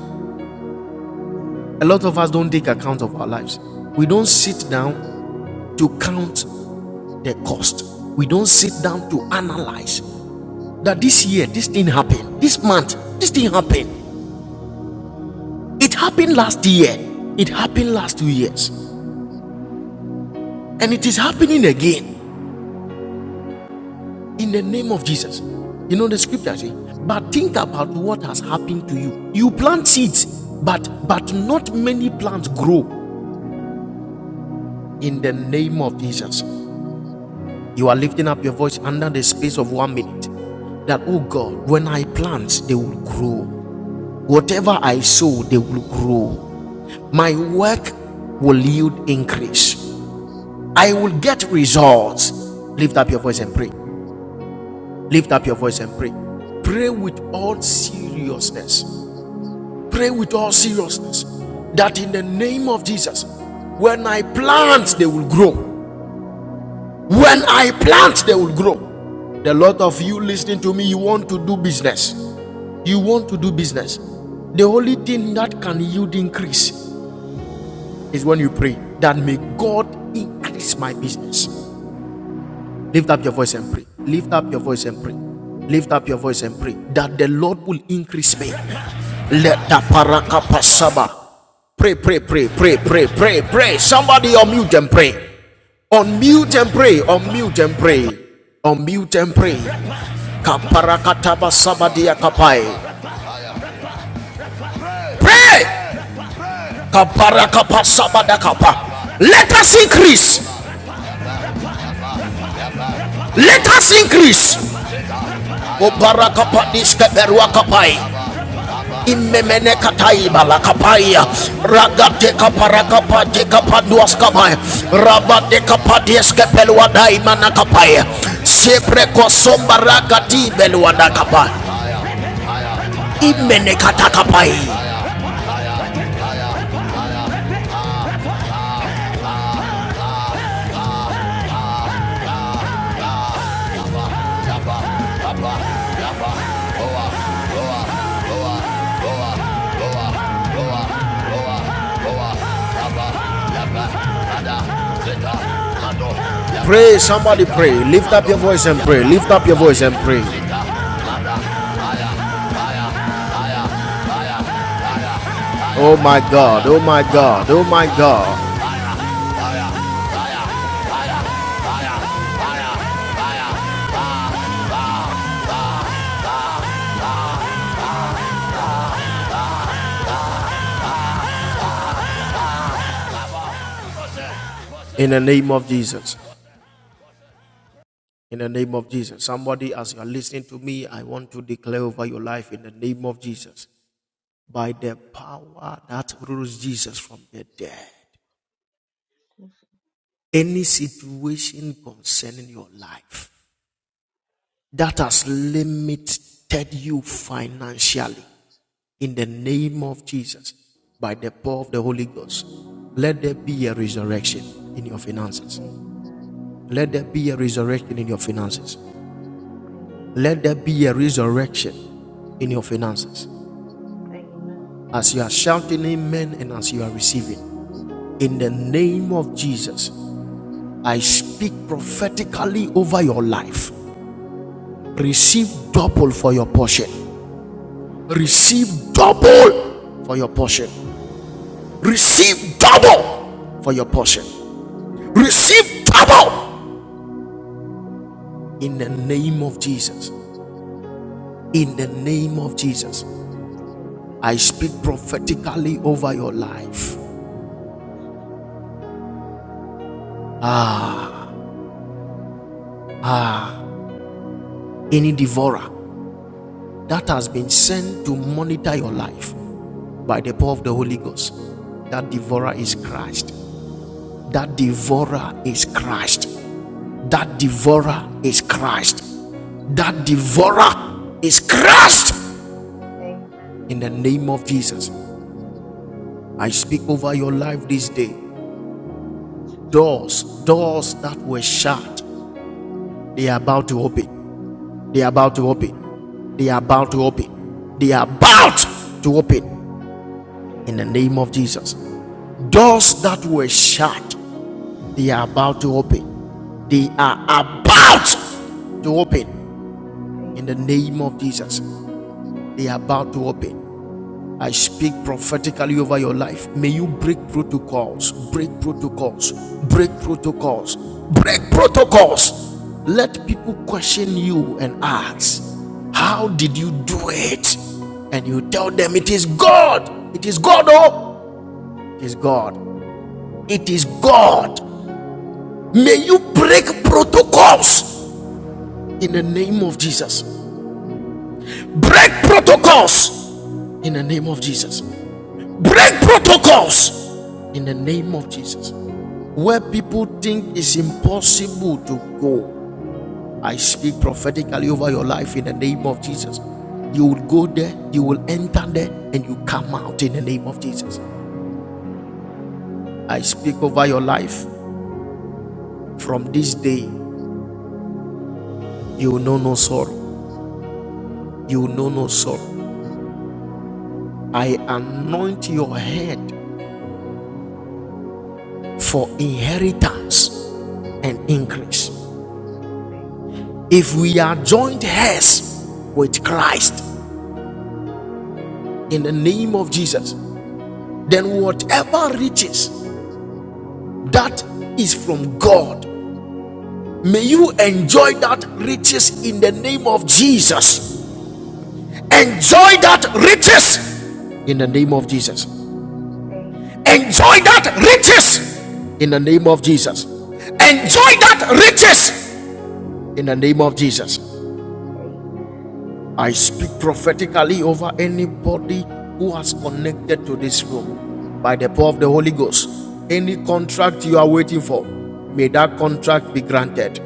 Speaker 1: A lot of us don't take account of our lives. We don't sit down to count the cost. We don't sit down to analyze that this year this thing happened. This month this thing happened. It happened last year. It happened last two years. And it is happening again in the name of Jesus. You know the scripture says. but think about what has happened to you. You plant seeds, but but not many plants grow in the name of Jesus. You are lifting up your voice under the space of one minute. That oh God, when I plant, they will grow. Whatever I sow, they will grow. My work will yield increase. I will get results. Lift up your voice and pray. Lift up your voice and pray. Pray with all seriousness. Pray with all seriousness that in the name of Jesus, when I plant, they will grow. When I plant, they will grow. The lot of you listening to me, you want to do business. You want to do business. The only thing that can yield increase is when you pray that may God increase my business. Lift up your voice and pray. Lift up your voice and pray. Lift up your voice and pray that the Lord will increase me. Let the paraka pasaba. Pray, pray, pray, pray, pray, pray, pray. Somebody unmute and pray. Unmute and pray. Unmute and pray. Unmute and pray. Kaparakataba sabadia kapai. Pray. Kaparakapa sabadakapa. Let us increase. Let us increase. Obarakapa diskeberwa kapai. Imemeneka taiba la kapaya ragate kapara kapate kapanduas kamaya rabate kapaties kepelwa daima na kapaya sepre kosomba ragati belwa na kapaya imeneka takapai pray somebody pray lift up your voice and pray lift up your voice and pray oh my god oh my god oh my god in the name of jesus in the name of jesus somebody as you are listening to me i want to declare over your life in the name of jesus by the power that rose Jesus from the dead. Any situation concerning your life that has limited you financially, in the name of Jesus, by the power of the Holy Ghost, let there be a resurrection in your finances.
Speaker 3: Amen.
Speaker 1: Let there be a resurrection in your finances.
Speaker 3: Amen.
Speaker 1: Let there be a resurrection in your finances.
Speaker 3: Amen.
Speaker 1: As you are shouting amen and as you are receiving, in the name of Jesus, I speak prophetically over your life.
Speaker 3: Amen.
Speaker 1: Receive double for your portion.
Speaker 3: Amen.
Speaker 1: Receive double for your portion.
Speaker 3: I receive it.
Speaker 1: Receive double for your portion.
Speaker 3: I receive
Speaker 1: Receive
Speaker 3: it
Speaker 1: double in the name of
Speaker 3: in
Speaker 1: Jesus.
Speaker 3: Jesus.
Speaker 1: In the name of Jesus.
Speaker 3: Amen.
Speaker 1: I speak prophetically over your life.
Speaker 3: Jesus.
Speaker 1: Ah, ah. Any devourer that has been sent to monitor your life by the power of the Holy Ghost, that devourer is Christ. That devourer is Christ. That
Speaker 3: Amen.
Speaker 1: devourer is Christ. That
Speaker 3: Amen.
Speaker 1: devourer is Christ. In the
Speaker 3: Amen.
Speaker 1: name of Jesus, I speak over your life this day.
Speaker 3: Jesus.
Speaker 1: Doors, doors that were shut, they are about to open. They are about
Speaker 3: Amen.
Speaker 1: to
Speaker 3: Amen.
Speaker 1: open. They are about to
Speaker 3: Amen.
Speaker 1: open. They are about to open.
Speaker 3: Amen.
Speaker 1: In the
Speaker 3: Amen.
Speaker 1: name of Jesus. Doors that were shut, they are about to open. They are about to open in the name of Jesus. they are about to open. I speak prophetically over your life. May you break protocols, break protocols, break protocols, break protocols. Let people question you and ask, How did you do it? And you tell them, It is God. It is God. Oh, it is God. It is God. May you break protocols in the name of Jesus. Break protocols in the name of Jesus. Break protocols in the name of Jesus. where people think it's impossible to go. I speak prophetically over your life in the name of Jesus. You will go there, you will enter there, and you come out in the name of Jesus.
Speaker 3: Amen. Amen.
Speaker 1: I speak over your life from this day. You will know no sorrow. You
Speaker 3: Amen.
Speaker 1: will know no sorrow.
Speaker 3: Amen.
Speaker 1: I anoint your head for inheritance and
Speaker 3: Amen.
Speaker 1: increase.
Speaker 3: Amen.
Speaker 1: If we are joined heirs with Christ, in the name of Jesus. Then, whatever riches
Speaker 3: Amen.
Speaker 1: that is from God, may
Speaker 3: Amen.
Speaker 1: you enjoy that riches in the name of Jesus.
Speaker 3: Amen.
Speaker 1: Enjoy that riches in the name of Jesus.
Speaker 3: Amen. Amen.
Speaker 1: Enjoy that riches in the name of Jesus. Enjoy that
Speaker 3: Amen.
Speaker 1: riches in the name of Jesus.
Speaker 3: Amen. Amen.
Speaker 1: I speak prophetically over anybody who has connected to this room by the power of the Holy Ghost. Any contract you are waiting for, may that contract be granted.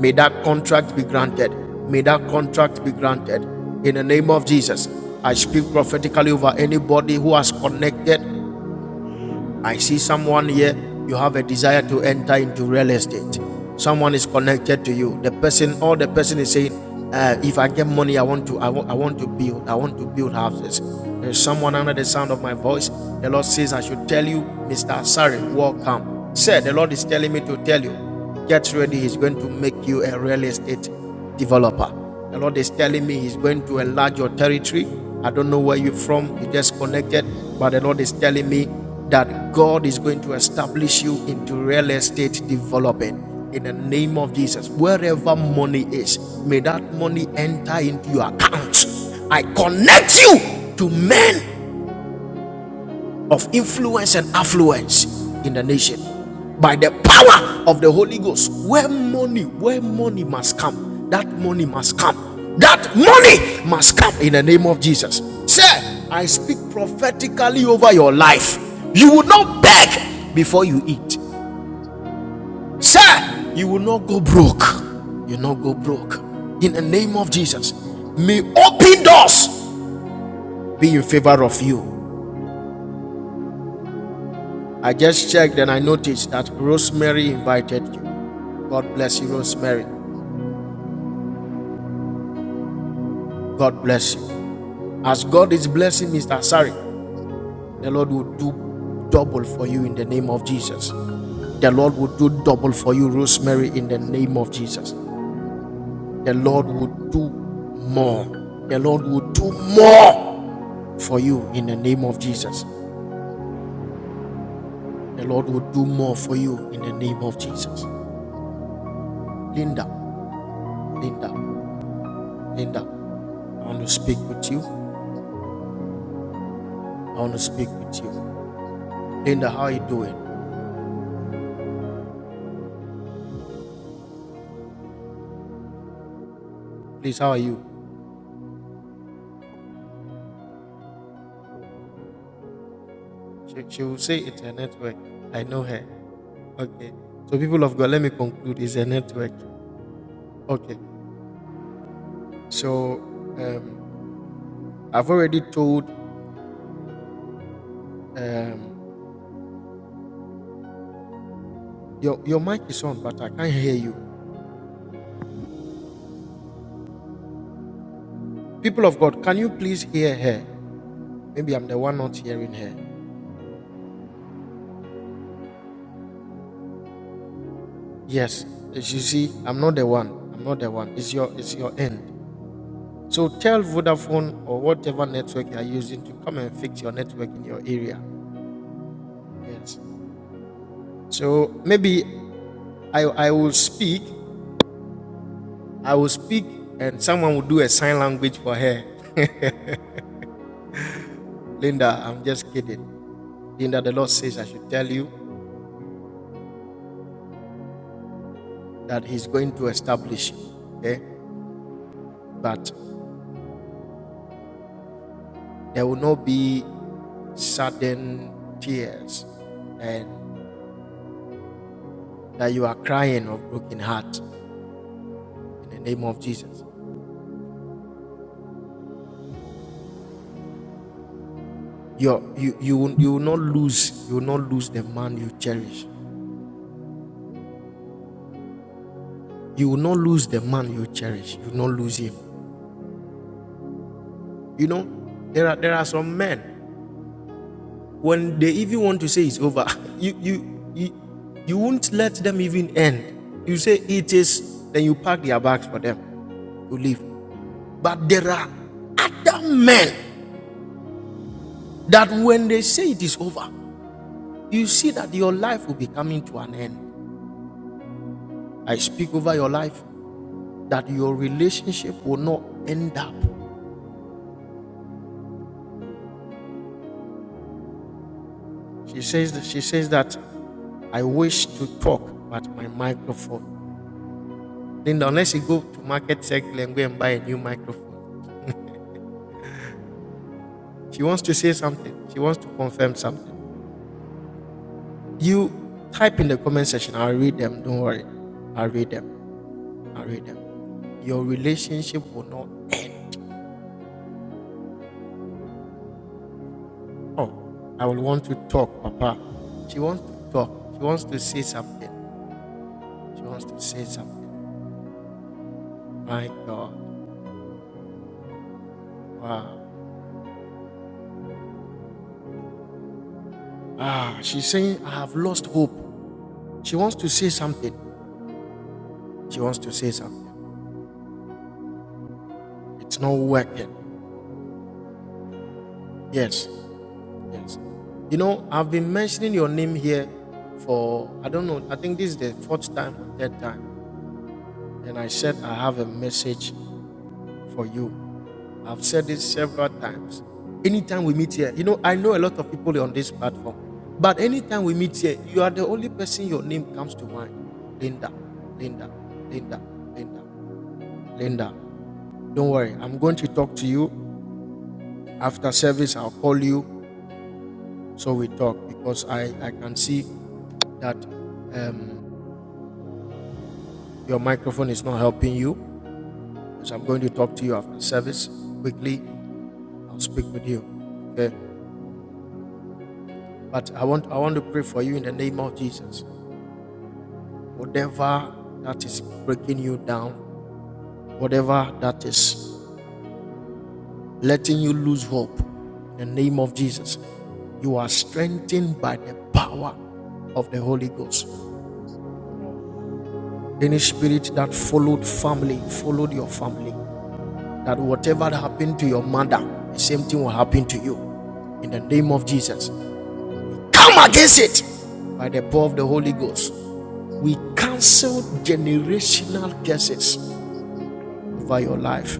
Speaker 1: May that contract
Speaker 3: Amen.
Speaker 1: be granted. May that contract be granted. In the name of Jesus, I speak prophetically over anybody who has connected I see someone here, you have a desire to enter into real estate. Someone is connected to you. The person, all the person is saying, uh, if I get money, I want to, I want, I want to build, I want to build houses. There's someone under the sound of my voice. The Lord says, I should tell you, Mr. Asari, welcome. Sir, the Lord is telling me to tell you. Get ready, He's going to make you a real estate developer. The Lord is telling me He's going to enlarge your territory. I don't know where you're from, you just connected, but the Lord is telling me that God is going to establish you into real estate development in the name of Jesus. Wherever money is, may that money enter into your accounts. I connect you to men of influence and affluence in the nation
Speaker 3: Amen. Amen.
Speaker 1: by
Speaker 3: Amen.
Speaker 1: the power of the Holy Ghost. Where money, where money must come, that money must come. That money must come in the name of Jesus. Sir, I speak
Speaker 3: Amen.
Speaker 1: prophetically over your life. You will not beg before you eat. Sir, you will not go broke. You will not go broke. In the name of Jesus, may open doors be in favor of you I just checked and I noticed that Rosemary invited you. God bless you, Rosemary. God bless you. As God is blessing Mr. Asari, the Lord will do double for you in the name of Jesus. The Lord will do double for you, Rosemary, in the name of Jesus. The Lord will
Speaker 3: Amen.
Speaker 1: do more. The Lord will do more for you in the name of Jesus. The Lord will do more for you in the name of Jesus. Linda, Linda, Linda, I want to speak with you. I want to speak with you. Linda, how are you doing? Please, how are you? She, she will say it's a network. I know her. Okay. So, people of God, let me conclude. It's a network. Okay. So, um, I've already told um, your, your mic is on, but I can't hear you. People of God, can you please hear her? Maybe I'm the one not hearing her. Yes. As you see, I'm not the one. I'm not the one. It's your, it's your end. So tell Vodafone or whatever network you are using to come and fix your network in your area. Yes. So maybe I, I will speak, I will speak, and someone will do a sign language for her. Linda, I'm just kidding. Linda, the Lord says I should tell you that He's going to establish you. Okay? But there will not be sudden tears and that you are crying of broken heart in the name of Jesus. Your, you, you, will, you will not lose, you will not lose the man you cherish. You will not lose the man you cherish. You will not lose him You know, there are there are some men when they even want to say it's over, you you you, you won't let them even end. You say it is, then you pack their bags for them, you leave. But there are other men that when they say it is over, you see that your life will be coming to an end. I speak over your life that your relationship will not end up. She says that she says that I wish to talk, but my microphone Linda, unless she go to market circle and go and buy a new microphone. She wants to say something. She wants to confirm something. You type in the comment section. I'll read them. Don't worry. I'll read them. I'll read them. Your relationship will not. Oh, I will want to talk, Papa. She wants to talk. She wants to say something. She wants to say something. My God. Wow. Ah, she's saying, I have lost hope. She wants to say something. She wants to say something. It's not working. Yes, Yes. You know, I've been mentioning your name here for, I don't know, I think this is the fourth time or third time. And I said, I have a message for you. I've said this several times. Anytime we meet here, you know, I know a lot of people on this platform, but anytime we meet here, you are the only person your name comes to mind. Linda, Linda, Linda, Linda, Linda. Don't worry, I'm going to talk to you. After service, I'll call you so we talk because I, I can see that um, Your microphone is not helping you, so I'm going to talk to you after service quickly. I'll speak with you. Okay. But I want I want to pray for you in the name of Jesus. Whatever that is breaking you down, whatever that is letting you lose hope, in the name of Jesus, you are strengthened by the power of the Holy Ghost. Any spirit that followed family, followed your family, that whatever happened to your mother, the same thing will happen to you. In the name of Jesus, come against it by the power of the
Speaker 3: Amen.
Speaker 1: Holy
Speaker 3: Amen.
Speaker 1: Ghost. We cancel generational curses over your
Speaker 3: Amen.
Speaker 1: life.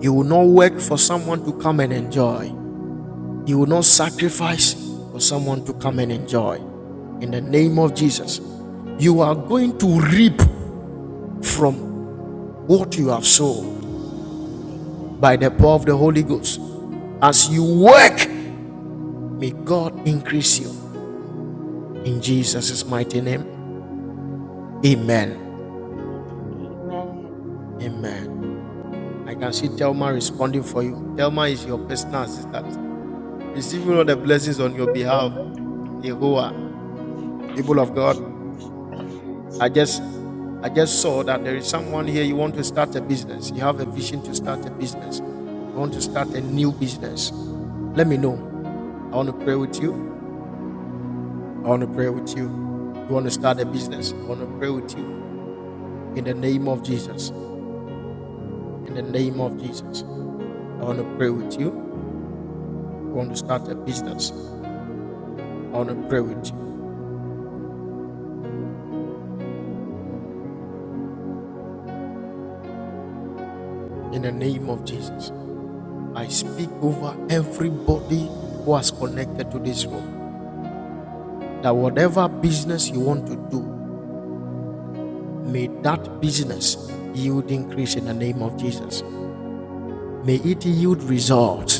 Speaker 1: You will not work for someone to come and enjoy. You will not sacrifice for someone to come and enjoy. In the name of Jesus, you are going to reap from what you have sown by the power of the Holy Ghost. As you work May God increase you in Jesus' mighty name. Amen. Amen. I can see Thelma responding for you. Thelma is your personal assistant, receiving all the blessings on your behalf. Yehovah, people of God, I just I just saw that there is someone here. You want to start a business. You have a vision to start a business. You want to start a new business. Let me know. I want to pray with you. I want to pray with you. You want to start a business. I want to pray with you in the name of Jesus. In the name of Jesus, I want to pray with you. I want to start a business. I want to pray with you. In the name of Jesus, I speak over everybody who has connected to this room that whatever business you want to do, may that business yield increase in the name of Jesus. May it yield results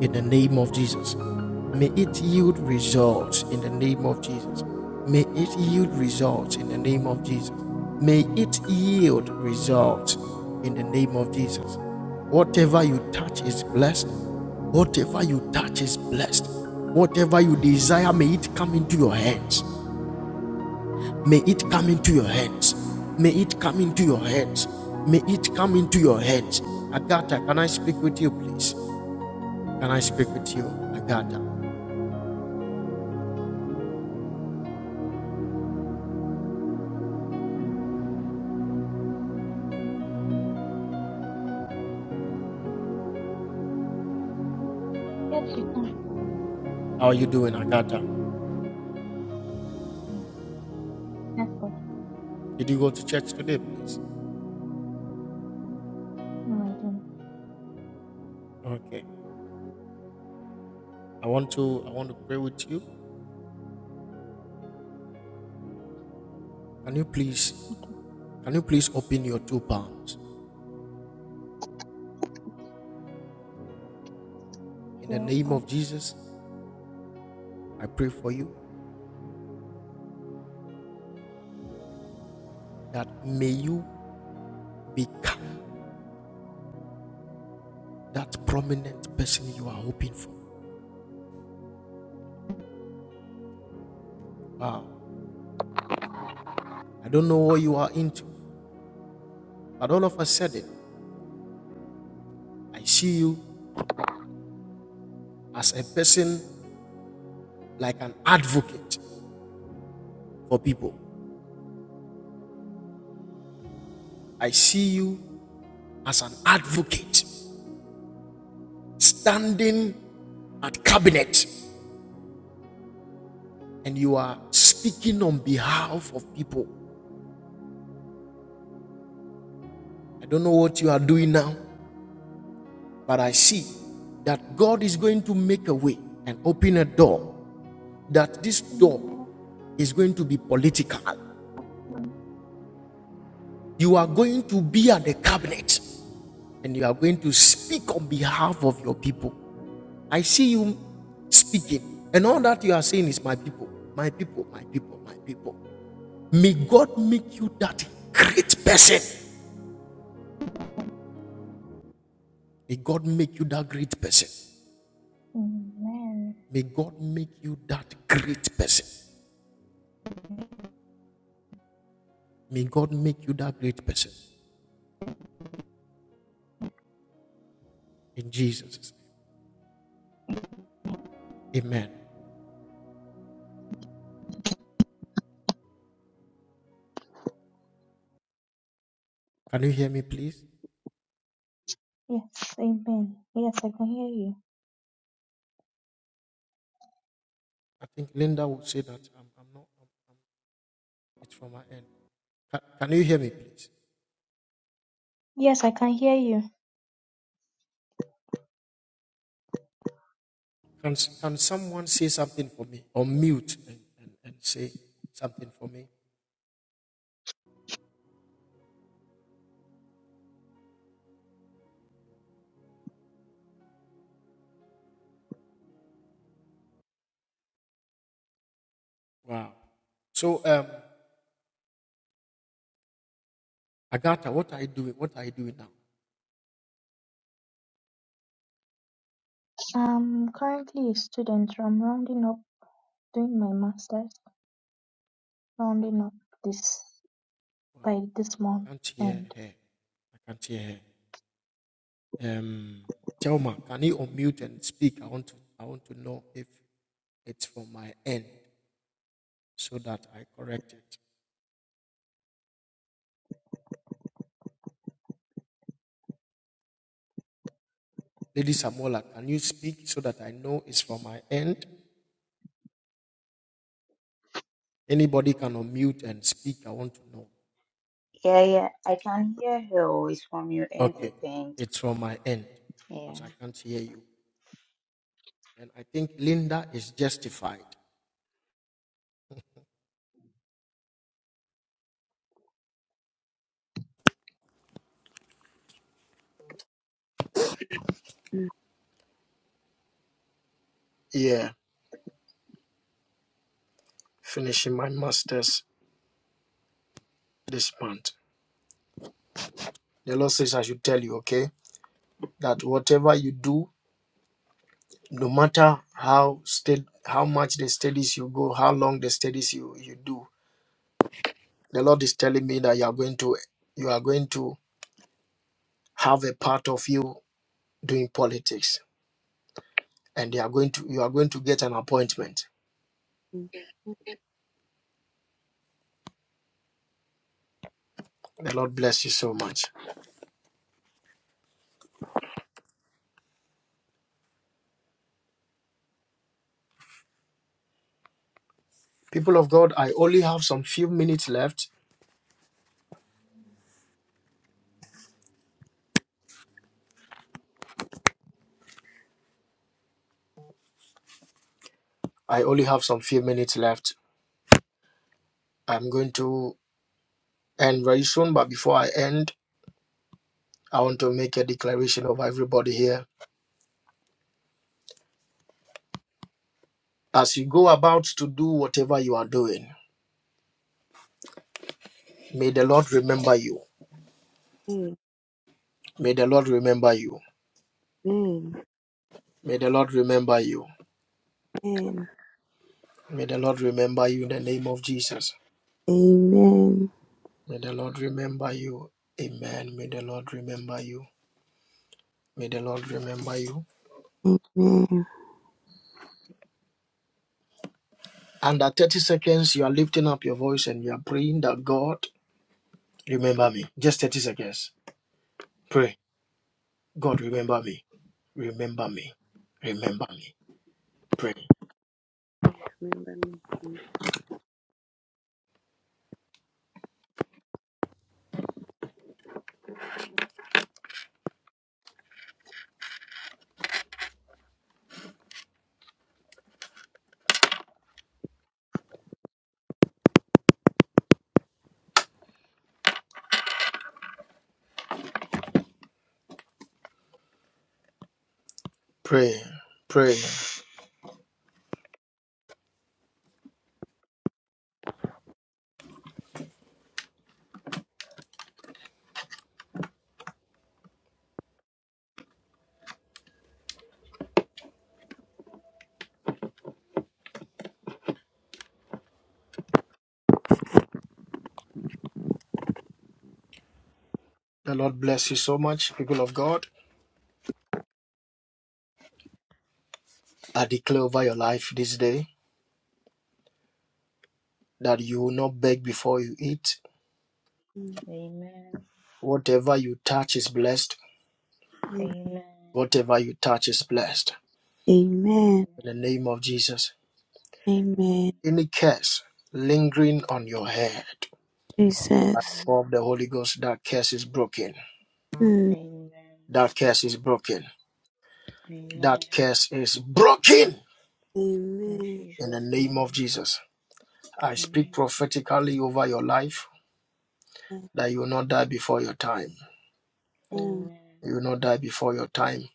Speaker 1: in the name of Jesus. May it yield results in the name of Jesus. May it yield results in the name of Jesus. May it yield results in the name of Jesus. Whatever you touch is blessed. Whatever you touch is blessed. Whatever you desire, may it come into your hands. May it come into your hands. May it come into your hands. May it come into your hands. Agatha, can I speak with you, please? Can I speak with you? Agata.
Speaker 2: Yes, you can.
Speaker 1: How are you doing, Agata?
Speaker 2: Mm, Yes, God.
Speaker 1: Did you go to church today, please?
Speaker 2: No, I didn't.
Speaker 1: Okay. I want to I want to pray with you. Can you please can you please open your two palms? In the
Speaker 2: Still.
Speaker 1: name of Jesus, I pray for you that may you become that prominent person you are hoping for. Wow. I don't know what you are into, but all of us said it. I see you as a person like an advocate for people. I see you as an advocate standing at cabinet and you are speaking on behalf of people. I don't know what you are doing now, but I see that God is going to make a way and open a door, that this door
Speaker 2: Amen.
Speaker 1: is going to be political. You are going to be at the cabinet and you are going to speak on behalf of your people. I see you speaking, and all that you are saying is, My people, my people, my people, my people. May God make you that great person. May God make you that great person.
Speaker 2: Amen.
Speaker 1: May God make you that great person. May God make you that great person. In Jesus' name. Amen. Can you hear me, please?
Speaker 2: Yes, amen. Yes, I can hear you.
Speaker 1: I think Linda would say that I'm, I'm not, it's from my end. Can, can you hear me, please?
Speaker 2: Yes, I can hear you.
Speaker 1: Can, can someone say something for me? Or mute and, and, and say something for me? Wow. So, um, Agatha, what are you doing? What are you doing now?
Speaker 2: I'm currently a student. I'm rounding up, doing my master's, rounding up this by this
Speaker 1: I
Speaker 2: month
Speaker 1: can't hear
Speaker 2: end.
Speaker 1: her. I can't hear her. Um, Chelma, can you unmute and speak? I want to. I want to know if it's from my end so that I correct it. Lady Samola, can you speak so that I know it's from my end? Anybody can unmute and speak. I want to know.
Speaker 3: Yeah, yeah. I can hear her voice from your end, I
Speaker 1: Okay,
Speaker 3: think.
Speaker 1: it's from my end
Speaker 3: Yeah.
Speaker 1: because I can't hear you. And I think Linda is justified.
Speaker 4: Mhm.
Speaker 1: Yeah, finishing my masters this month. The Lord says I should tell you. Okay. that whatever you do, no matter how state, how much the studies you go, how long the studies you, you do, the Lord is telling me that you are going to you are going to have a part of you doing politics, and they are going to you are going to get an appointment. The Lord bless you so much, people of God. I only have some few minutes left. I only have some few minutes left. I'm going to end very soon, but before I end, I want to make a declaration of everybody here As you go about to do whatever you are doing, may the Lord remember you.
Speaker 4: Amen.
Speaker 1: May the Lord remember you.
Speaker 4: Amen.
Speaker 1: May the Lord remember you.
Speaker 4: Amen.
Speaker 1: May the Lord remember you in the name of Jesus. May the Lord remember you. Amen. May the Lord remember you. May the Lord remember you.
Speaker 4: Amen.
Speaker 1: Under 30 seconds, you are lifting up your voice and you are praying that God, remember me. Just 30 seconds. Pray. God, remember me. Remember me. Remember me. Pray.
Speaker 4: Remember me.
Speaker 1: Pray. Pray. The Lord bless you so much, people of God. I declare over your life this day that you will not beg before you eat.
Speaker 4: Mm.
Speaker 3: Amen.
Speaker 1: Whatever you touch is blessed.
Speaker 4: Amen.
Speaker 3: Amen.
Speaker 1: Whatever you touch is blessed.
Speaker 3: Amen.
Speaker 4: Amen.
Speaker 1: In the name of Jesus.
Speaker 4: Amen.
Speaker 1: Any curse lingering on your head
Speaker 4: Jesus.
Speaker 3: Mm.
Speaker 1: of the Holy Ghost, that curse is broken.
Speaker 4: Mm.
Speaker 3: Amen.
Speaker 1: That curse is broken.
Speaker 3: Amen.
Speaker 1: That curse is broken.
Speaker 3: In
Speaker 4: Amen.
Speaker 1: In the
Speaker 3: Jesus'
Speaker 1: name of
Speaker 3: name.
Speaker 1: Jesus. I speak
Speaker 3: Amen.
Speaker 1: prophetically over your life that you will not die before your time.
Speaker 4: Amen.
Speaker 3: Amen.
Speaker 1: You will not die before your time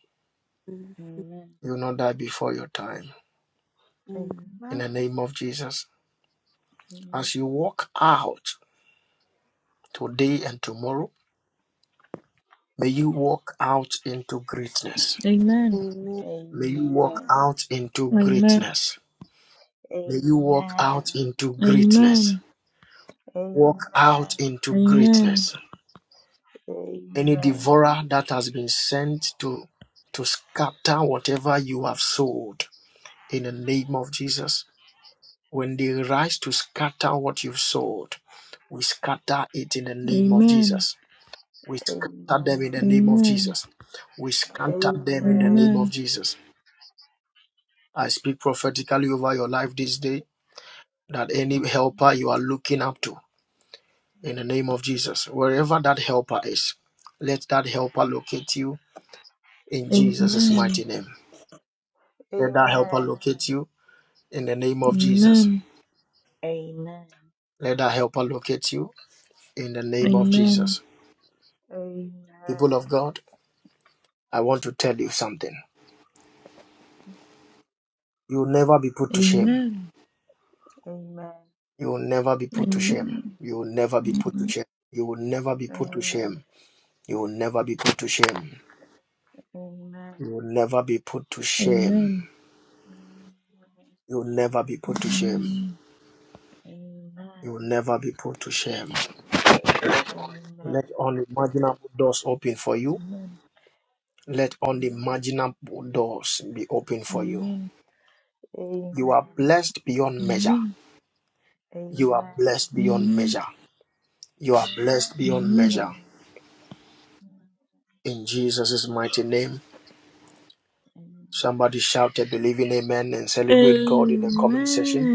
Speaker 3: Amen.
Speaker 1: You will not die before your time. In
Speaker 3: Amen.
Speaker 1: the name of Jesus. As you walk out today and tomorrow, may you walk out into greatness.
Speaker 5: Amen.
Speaker 4: Amen.
Speaker 3: Amen.
Speaker 1: May you walk
Speaker 3: Amen.
Speaker 1: out into
Speaker 5: Amen.
Speaker 1: greatness. May you walk out
Speaker 3: Amen.
Speaker 1: into greatness.
Speaker 5: Amen.
Speaker 3: Amen.
Speaker 1: Walk
Speaker 3: Amen.
Speaker 1: out into
Speaker 5: Amen.
Speaker 1: greatness. Any
Speaker 3: Amen.
Speaker 1: devourer that has been sent to to scatter whatever you have sowed in the name of Jesus When they rise to scatter what you've sowed, we scatter it in the name of
Speaker 5: Amen.
Speaker 1: Jesus. We
Speaker 3: Amen.
Speaker 1: scatter them in the
Speaker 3: Amen.
Speaker 1: name of
Speaker 5: Amen.
Speaker 1: Jesus. We scatter
Speaker 3: Amen. Amen.
Speaker 1: them in the name of
Speaker 5: Amen. Amen.
Speaker 1: Jesus. I speak prophetically over your life this day that any helper you are looking up to in the name of Jesus, wherever that helper is, let that helper locate you in Jesus'
Speaker 5: Amen.
Speaker 1: mighty name.
Speaker 3: Amen. Amen.
Speaker 1: Let that helper
Speaker 3: Amen.
Speaker 1: locate you in the name of Jesus.
Speaker 5: Amen.
Speaker 1: Let that helper locate you in the
Speaker 5: Amen.
Speaker 1: name of
Speaker 5: Amen.
Speaker 1: Jesus. People of God, I want to tell you something. You will never be put to shame.
Speaker 5: Amen.
Speaker 3: Amen.
Speaker 1: You will never be put to shame. You will never be put to shame. You will never be put to shame. You will never be put to shame. You will never be put to
Speaker 5: Amen.
Speaker 1: shame.
Speaker 5: Amen.
Speaker 1: You will never be put to shame. You will never be put to shame. Let unimaginable doors open for you. Let unimaginable doors be open for you.
Speaker 5: Amen.
Speaker 1: You are blessed beyond measure.
Speaker 5: Amen.
Speaker 3: Amen.
Speaker 1: You are
Speaker 3: Amen.
Speaker 1: blessed beyond measure.
Speaker 5: Amen.
Speaker 1: You are blessed beyond
Speaker 3: Jesus'
Speaker 5: Amen.
Speaker 1: measure.
Speaker 3: name.
Speaker 1: In Jesus' mighty name.
Speaker 3: Amen.
Speaker 1: Somebody shouted, "Believe in amen and celebrate God in the comment section.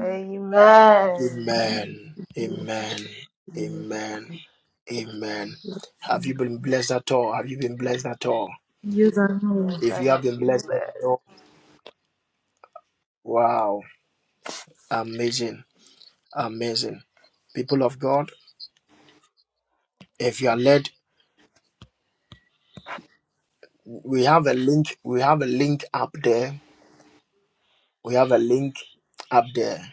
Speaker 3: Amen.
Speaker 1: Amen. Amen. Amen. Amen. Have you been blessed at all? Have you been blessed at all?
Speaker 5: You are
Speaker 3: Yes,
Speaker 5: moved.
Speaker 1: If
Speaker 3: I
Speaker 1: you have
Speaker 3: have
Speaker 1: been
Speaker 3: been
Speaker 1: blessed, let me
Speaker 3: blessed.
Speaker 1: know. Wow. Amazing. Amazing. People of God, if you are led, we have a link. We have a link up there. We have a link up there.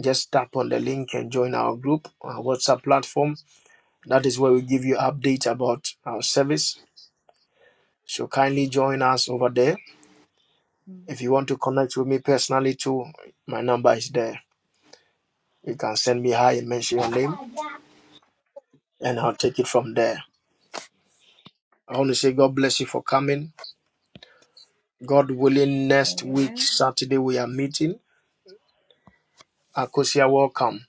Speaker 1: Just tap on the link and join our group, our WhatsApp platform That is where we give you updates about our service. So kindly join us over there.
Speaker 3: Mm.
Speaker 1: If you want to connect with me personally too, my number is there. You can send me hi and mention your name, and I'll take it from there. I want to say God bless you for coming. God willing, next week
Speaker 3: Amen.
Speaker 1: Saturday we are meeting. Akosia, welcome.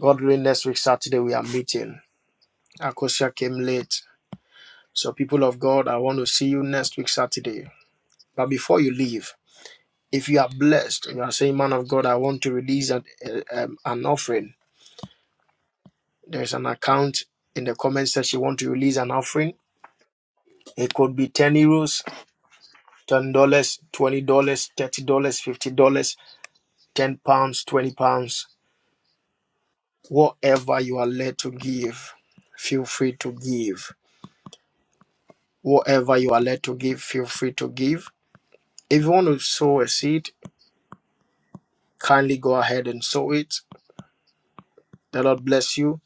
Speaker 1: God willing, next week Saturday we are meeting. Akosia came late. So people of God, I want to see you next week Saturday. But before you leave, If you are blessed, you are saying, Man of God, I want to release an, uh, um, an offering. There's an account in the comment section. Want to release an offering? It could be 10 euros, $10, dollars, $20, dollars, $30, dollars, $50, dollars, 10 pounds, 20 pounds. Whatever you are led to give, feel free to give. Whatever you are led to give, feel free to give. If you want to sow a seed, kindly go ahead and sow it. The Lord bless you.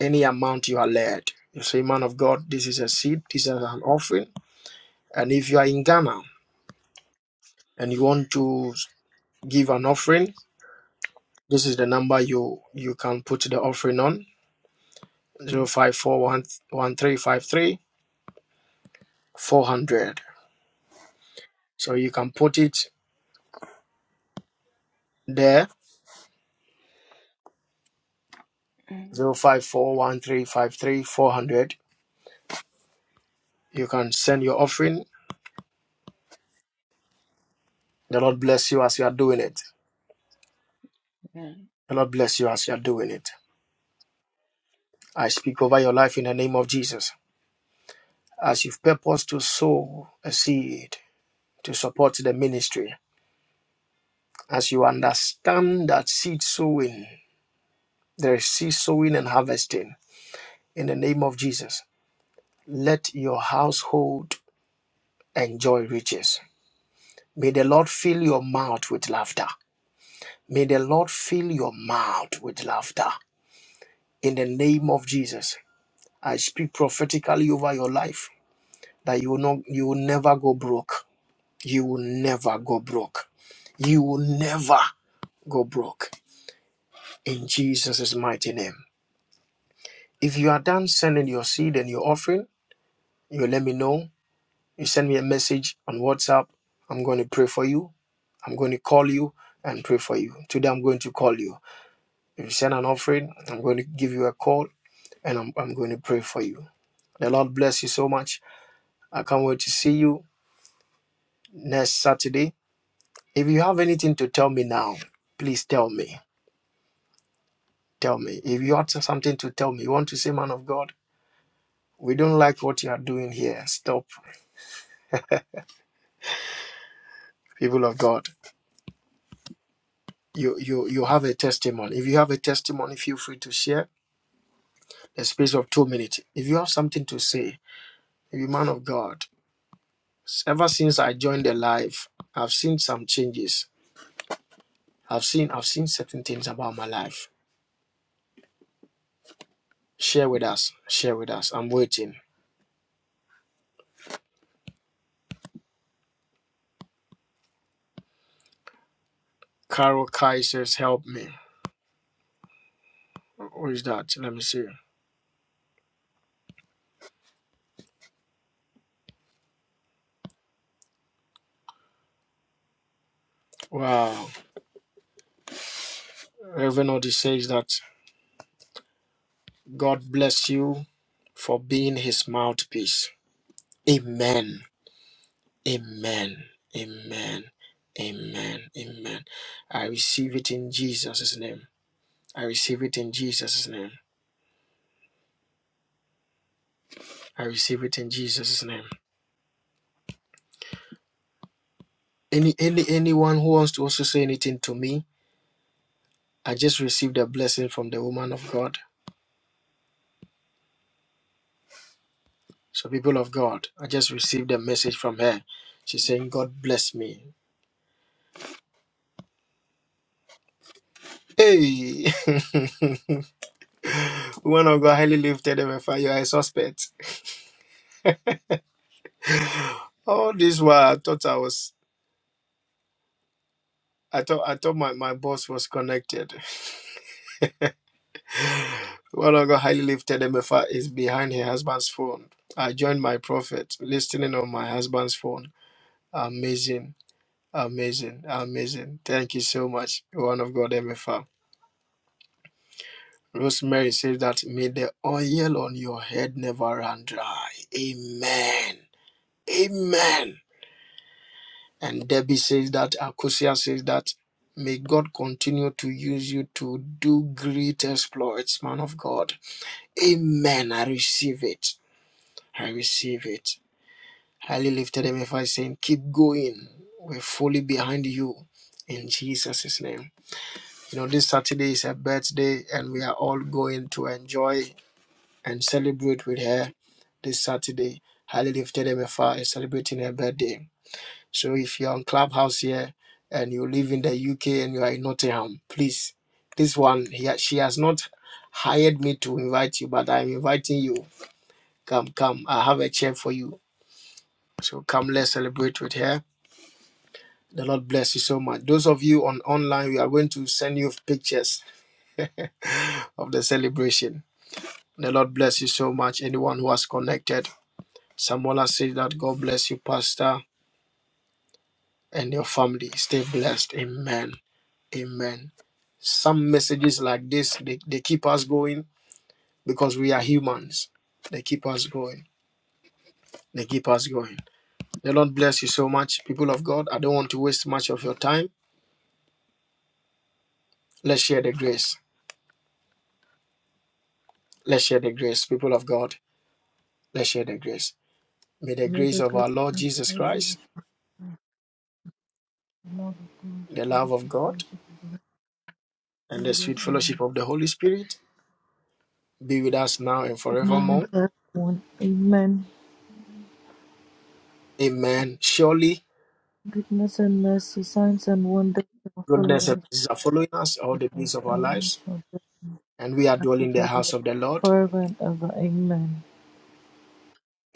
Speaker 1: any amount you are led. You say, man of God, this is a seed, this is an offering. And if you are in Ghana and you want to give an offering, this is the number you you can put the offering on 0541 So you can put it there zero five four one three five three four hundred. You can send your offering. The Lord bless you as you are doing it. The Lord bless you as you are doing it. I speak over your life in the name of Jesus. as you've purposed to sow a seed to support the ministry, as you understand that seed sowing, there is seed sowing and harvesting in the name of Jesus, let your household enjoy riches. May the Lord fill your mouth with laughter. May the Lord fill your mouth with laughter in the name of Jesus. I speak prophetically over your life that you will not you will never go broke. You will never go broke. You will never go broke in Jesus' mighty name. If you are done sending your seed and your offering, you let me know. You send me a message on WhatsApp. I'm going to pray for you. I'm going to call you and pray for you. Today, I'm going to call you. If you send an offering, I'm going to give you a call and I'm, I'm going to pray for you. The Lord bless you so much. I can't wait to see you next Saturday. If you have anything to tell me now, please tell me. Tell me. If you have something to tell me, you want to say, man of God, We don't like what you are doing here. Stop, people of God. You you you have a testimony. If you have a testimony, feel free to share. A space of two minutes. If you have something to say, if you man of God, ever since I joined the life, I've seen some changes. I've seen I've seen certain things about my life. Share with us. Share with us. I'm waiting. Carol Kai says, "Help me." Who is that? Let me see. Wow. Reverend Odi says that God bless you for being His mouthpiece. Amen. Amen. Amen. Amen. Amen. I receive it in Jesus' name. I receive it in Jesus' name. I receive it in Jesus' name. Any any anyone who wants to also say anything to me, I just received a blessing from the woman of God. So people of God, I just received a message from her. She's saying, God bless me. Hey, woman of God, highly lifted, ever fire, I suspect. All this while I thought I was I thought I thought my, my boss was connected. One of God highly lifted M F R is behind her husband's phone. I joined my prophet, listening on my husband's phone. Amazing, amazing, amazing. Thank you so much, one of God M F R. Rosemary says that may the oil on your head never run dry. Amen. Amen. And Debbie says that Akusia says that may God continue to use you to do great exploits, man of God. Amen. I receive it. I receive it. Highly lifted him if I saying, keep going. We're fully behind you in Jesus' name. You know, this Saturday is her birthday, and we are all going to enjoy and celebrate with her this Saturday. Highly lifted MFI is celebrating her birthday. So if you're on Clubhouse here and you live in the UK and you are in Nottingham, please, this one, he, she has not hired me to invite you, but I'm inviting you Come, come. I have a chair for you. So come, let's celebrate with her. The Lord bless you so much. Those of you on online, we are going to send you pictures of the celebration. The Lord bless you so much. Anyone who has connected, Samola says that God bless you, Pastor, and your family. Stay blessed. Amen. Amen. Some messages like this, they, they keep us going because we are humans. They keep us going. They keep us going. The Lord bless you so much, people of God. I don't want to waste much of your time. Let's share the grace. Let's share the grace, people of God. Let's share the grace. May the
Speaker 5: May
Speaker 1: grace
Speaker 5: the
Speaker 1: of
Speaker 5: God
Speaker 1: our Lord
Speaker 5: of the
Speaker 1: Jesus
Speaker 5: Lord
Speaker 1: Christ,
Speaker 5: Jesus Christ, the love of God,
Speaker 1: the
Speaker 5: and the
Speaker 1: love of
Speaker 5: sweet
Speaker 1: God,
Speaker 5: fellowship of the
Speaker 1: and
Speaker 5: Holy
Speaker 1: the
Speaker 5: Spirit
Speaker 1: sweet
Speaker 5: rest
Speaker 1: fellowship
Speaker 5: now.
Speaker 1: of the Holy Spirit be with us now and
Speaker 5: Now and
Speaker 1: forevermore.
Speaker 5: forevermore. Amen.
Speaker 1: Amen. Surely,
Speaker 5: Goodness and mercy, signs and wonders shall follow
Speaker 1: goodness and
Speaker 5: us,
Speaker 1: mercy are following us all the days of our
Speaker 5: and we
Speaker 1: lives,
Speaker 5: shall
Speaker 1: and we are
Speaker 5: bless
Speaker 1: dwelling
Speaker 5: the
Speaker 1: in the house
Speaker 5: Lord
Speaker 1: of the Lord.
Speaker 5: forever and ever. Amen.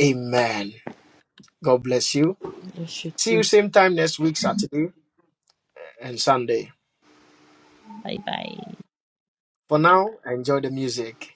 Speaker 1: Amen. God bless you.
Speaker 5: Bless you
Speaker 1: See you
Speaker 5: too.
Speaker 1: same time next week, Saturday and Sunday.
Speaker 5: Bye bye.
Speaker 1: For now, enjoy the music.